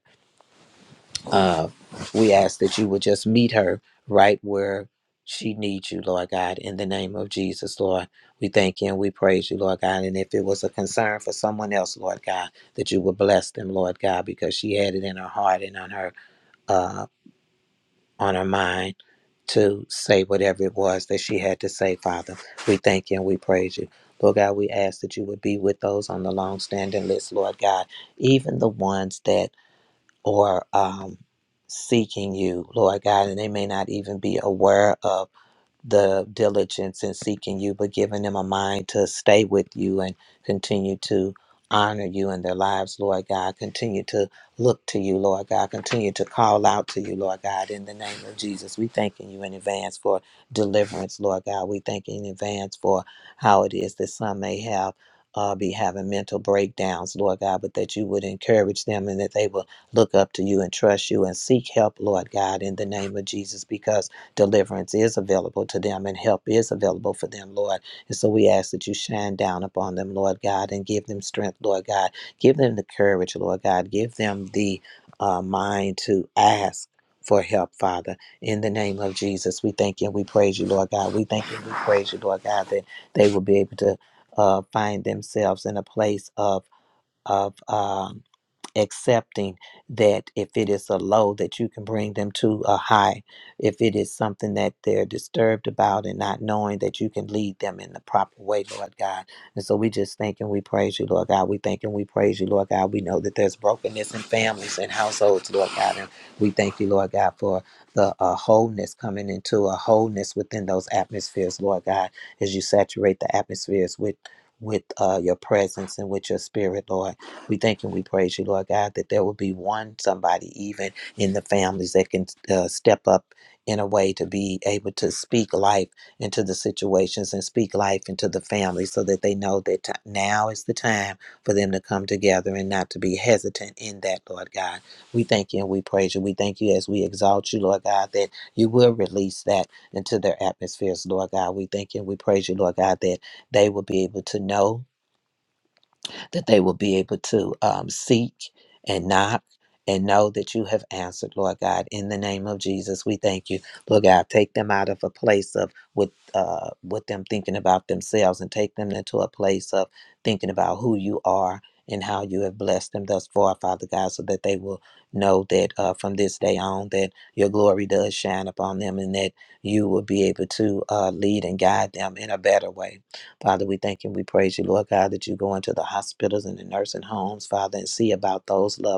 Speaker 1: uh, we ask that you would just meet her right where she needs you, Lord God. In the name of Jesus, Lord, we thank you and we praise you, Lord God. And if it was a concern for someone else, Lord God, that you would bless them, Lord God, because she had it in her heart and on her. uh, on her mind to say whatever it was that she had to say, Father. We thank you and we praise you. Lord God, we ask that you would be with those on the long standing list, Lord God, even the ones that are um, seeking you, Lord God, and they may not even be aware of the diligence in seeking you, but giving them a mind to stay with you and continue to honor you in their lives, Lord God. Continue to look to you, Lord God. Continue to call out to you, Lord God, in the name of Jesus. We thanking you in advance for deliverance, Lord God. We thank you in advance for how it is that some may have. Uh, be having mental breakdowns, Lord God, but that you would encourage them and that they will look up to you and trust you and seek help, Lord God, in the name of Jesus, because Deliverance is available to them and help is available for them, Lord. And so we ask that you shine down upon them, Lord God, and give them strength, Lord God. Give them the courage, Lord God. Give them the uh, mind to ask for help, Father. In the name of Jesus, we thank you and we praise you, Lord God. We thank you and we praise you, Lord God, that they will be able to uh, find themselves in a place of of um, accepting that if it is a low that you can bring them to a high if it is something that they're disturbed about and not knowing that you can lead them in the proper way lord god and so we just thank and we praise you lord god we thank and we praise you lord god we know that there's brokenness in families and households lord god and we thank you lord god for the uh, wholeness coming into a wholeness within those atmospheres lord god as you saturate the atmospheres with with uh, your presence and with your spirit lord we thank and we praise you, Lord God, that there will be one somebody, even in the families, that can uh, step up in a way to be able to speak life into the situations and speak life into the family so that they know that t- now is the time for them to come together and not to be hesitant in that, Lord God. We thank you and we praise you. We thank you as we exalt you, Lord God, that you will release that into their atmospheres, Lord God. We thank you and we praise you, Lord God, that they will be able to know that they will be able to um, seek and knock and know that you have answered, Lord God. In the name of Jesus, we thank you, Lord God. Take them out of a place of with uh, with them thinking about themselves, and take them into a place of thinking about who you are and how you have blessed them thus far, Father God, so that they will know that uh, from this day on that your glory does shine upon them, and that you will be able to uh, lead and guide them in a better way Father, we thank you and we praise you, Lord God, that you go into the hospitals and the nursing homes, Father, and see about those loved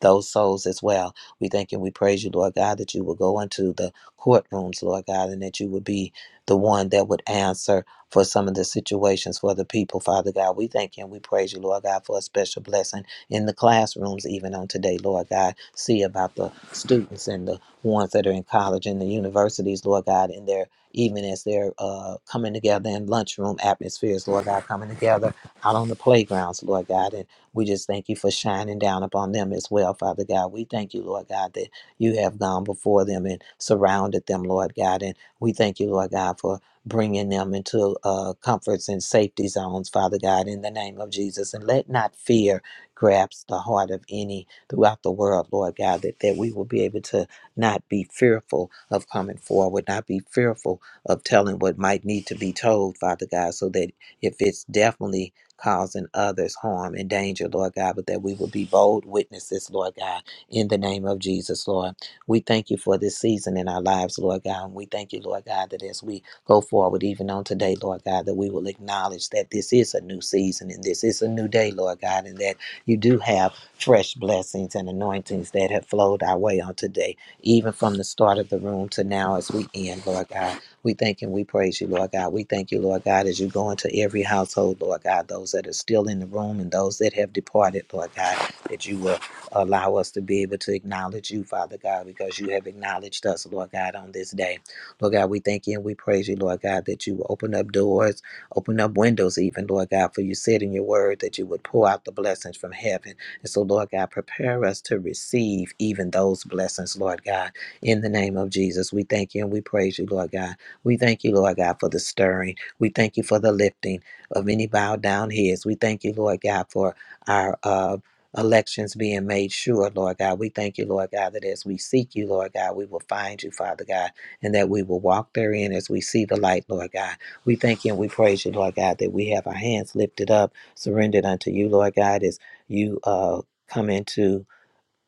Speaker 1: those souls as well. We thank and we praise you, Lord God, that you will go into the courtrooms, Lord God, and that you would be the one that would answer for some of the situations for the people, Father God. We thank you and we praise you, Lord God, for a special blessing in the classrooms, even on today, Lord God. See about the students and the ones that are in college and the universities, Lord God, in their even as they're uh, coming together in lunchroom atmospheres, Lord God, coming together out on the playgrounds, Lord God, and we just thank you for shining down upon them as well, Father God. We thank you, Lord God, that you have gone before them and surrounded them, Lord God. And we thank you, Lord God, for bringing them into uh, comforts and safety zones, Father God, in the name of Jesus. And let not fear grasp the heart of any throughout the world, Lord God, that, that we will be able to not be fearful of coming forward, not be fearful of telling what might need to be told, Father God, so that if it's definitely causing others harm and danger, Lord God, but that we will be bold witnesses, Lord God, in the name of Jesus, Lord. We thank you for this season in our lives, Lord God. And we thank you, Lord God, that as we go forward, even on today, Lord God, that we will acknowledge that this is a new season and this is a new day, Lord God, and that you do have fresh blessings and anointings that have flowed our way on today, even from the start of the room to now as we end, Lord God. We thank and we praise you, Lord God. We thank you, Lord God, as you go into every household, Lord God, those that are still in the room and those that have departed, Lord God, that you will allow us to be able to acknowledge you, Father God, because you have acknowledged us, Lord God, on this day. Lord God, we thank you and we praise you, Lord God, that you will open up doors, open up windows, even, Lord God, for you said in your word that you would pour out the blessings from heaven. And so, Lord God, prepare us to receive even those blessings, Lord God. In the name of Jesus, we thank you and we praise you, Lord God. We thank you, Lord God, for the stirring. We thank you for the lifting of any bowed down heads. We thank you, Lord God, for our uh, elections being made sure, Lord God. We thank you, Lord God, that as we seek you, Lord God, we will find you, Father God, and that we will walk therein as we see the light, Lord God. We thank you and we praise you, Lord God, that we have our hands lifted up, surrendered unto you, Lord God, as you uh, come into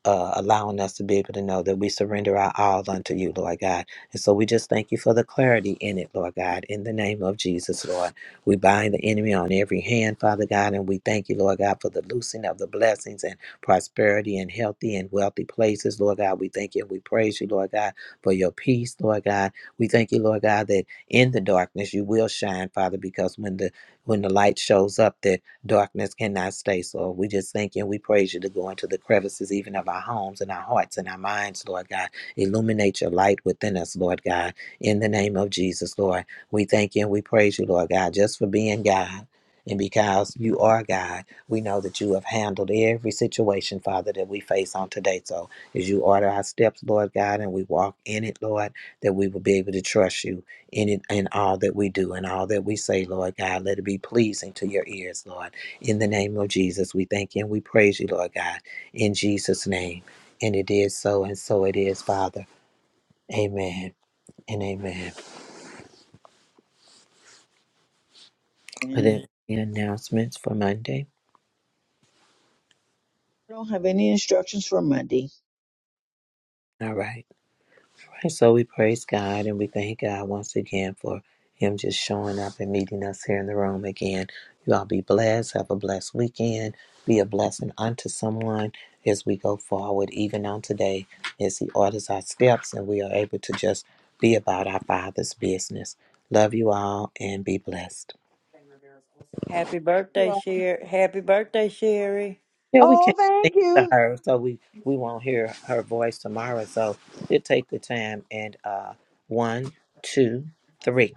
Speaker 1: uh, allowing us to be able to know that we surrender our all unto you, Lord God. And so we just thank you for the clarity in it, Lord God. In the name of Jesus, Lord, we bind the enemy on every hand, Father God, and we thank you, Lord God, for the loosing of the blessings and prosperity and healthy and wealthy places, Lord God. We thank you and we praise you, Lord God, for your peace, Lord God. We thank you, Lord God, that in the darkness you will shine, Father, because when the when the light shows up, that Darkness cannot stay, so we just thank you and we praise you to go into the crevices, even of our homes and our hearts and our minds, Lord God. Illuminate your light within us, Lord God. In the name of Jesus, Lord, we thank you and we praise you, Lord God, just for being God. And because you are God, we know that you have handled every situation, Father, that we face on today. So as you order our steps, Lord God, and we walk in it, Lord, that we will be able to trust you in it in all that we do and all that we say, Lord God. Let it be pleasing to your ears, Lord. In the name of Jesus, we thank you and we praise you, Lord God, in Jesus' name. And it is so, and so it is, Father. Amen and amen. Are there
Speaker 5: Man,
Speaker 1: any announcements for Monday?
Speaker 5: I don't have any instructions for Monday.
Speaker 1: All right. And so we praise God and we thank God once again for Him just showing up and meeting us here in the room again. You all be blessed. Have a blessed weekend. Be a blessing unto someone as we go forward, even on today, as He orders our steps and we are able to just be about our Father's business. Love you all and be blessed.
Speaker 13: Happy
Speaker 5: You
Speaker 13: birthday,
Speaker 5: all.
Speaker 13: Sherry. Happy birthday, Sherry.
Speaker 1: Yeah, we
Speaker 5: Oh,
Speaker 1: can't sing
Speaker 5: thank
Speaker 1: to
Speaker 5: you.
Speaker 1: her, so we, we won't hear her voice tomorrow. So we'll take the time and uh, one, two, three.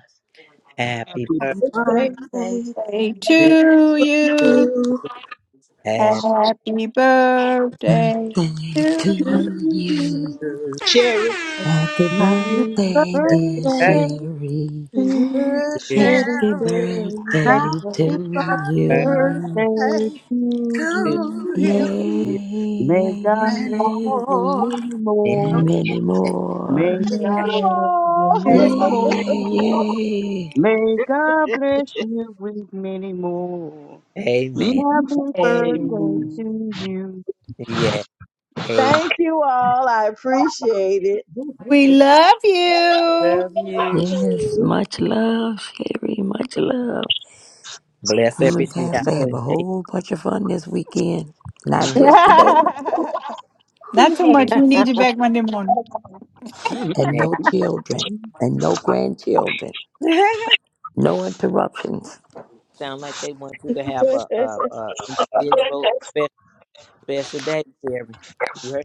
Speaker 1: Happy birthday.
Speaker 7: Happy
Speaker 13: Birthday,
Speaker 7: birthday
Speaker 4: Say
Speaker 1: to
Speaker 4: to
Speaker 1: you,
Speaker 4: you,
Speaker 7: to
Speaker 1: have
Speaker 4: happy birthday
Speaker 12: Birthday
Speaker 4: to
Speaker 7: you. Happy
Speaker 12: to you.
Speaker 1: to
Speaker 12: Happy
Speaker 6: Happy
Speaker 12: birthday,
Speaker 1: have
Speaker 12: dear
Speaker 7: birthday
Speaker 1: that
Speaker 6: birthday
Speaker 12: Sherry.
Speaker 7: to you.
Speaker 6: Girl,
Speaker 8: Uh,
Speaker 6: Let
Speaker 1: respect
Speaker 6: it
Speaker 12: Happy
Speaker 8: Sherry,
Speaker 6: go, let
Speaker 12: birthday
Speaker 6: it go.
Speaker 7: Happy
Speaker 12: to
Speaker 8: happy
Speaker 7: birthday
Speaker 12: you.
Speaker 6: Birthday
Speaker 8: birthday
Speaker 6: to
Speaker 1: to
Speaker 6: you.
Speaker 8: to
Speaker 7: to
Speaker 8: you
Speaker 12: Yay,
Speaker 1: you
Speaker 7: you.
Speaker 12: yay,
Speaker 6: May
Speaker 12: yay,
Speaker 6: God
Speaker 8: many
Speaker 6: bless
Speaker 12: yay.
Speaker 6: you with
Speaker 8: more.
Speaker 6: many
Speaker 1: anymore.
Speaker 12: And
Speaker 6: more.
Speaker 12: many more.
Speaker 6: May God
Speaker 5: You
Speaker 4: you.
Speaker 6: bless you with
Speaker 5: all.
Speaker 12: Yay,
Speaker 6: many
Speaker 12: yay,
Speaker 6: more.
Speaker 12: yay.
Speaker 6: May God bless you with many more.
Speaker 9: Mm,
Speaker 1: Amen.
Speaker 6: Happy
Speaker 9: amen.
Speaker 6: birthday to you.
Speaker 1: Yeah, amen.
Speaker 5: thank you all. I appreciate
Speaker 9: Mhm.
Speaker 4: We love you.
Speaker 5: it.
Speaker 12: Yes, much love, Sherry. Much love.
Speaker 1: Bless
Speaker 12: You
Speaker 1: every
Speaker 12: and
Speaker 1: child
Speaker 12: Pastor have a
Speaker 1: today.
Speaker 12: whole bunch of fun this weekend. Not
Speaker 1: Mhm.
Speaker 12: just today.
Speaker 4: Not too much. We need you back Monday morning.
Speaker 12: And
Speaker 1: Amen.
Speaker 12: no children. And no grandchildren. No interruptions.
Speaker 1: Sound like they want you to have a, a, a individual special, special day, Terry. You heard?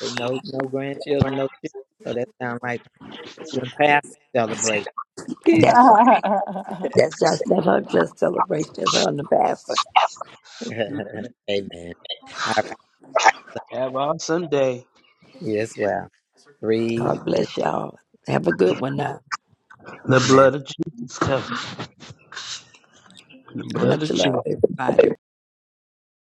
Speaker 1: They no no grandchildren, no children. So that sounds like the past celebration.
Speaker 12: That's right. That's just that's her just celebration. That's her the pastor.
Speaker 1: Amen. All right.
Speaker 9: Have an awesome day.
Speaker 1: You as well. Three,
Speaker 12: God
Speaker 1: two,
Speaker 12: bless y'all. Have a good one now.
Speaker 9: The
Speaker 1: amen.
Speaker 9: blood of Jesus covers. The blood
Speaker 12: Much
Speaker 9: of Jesus.
Speaker 12: love, everybody.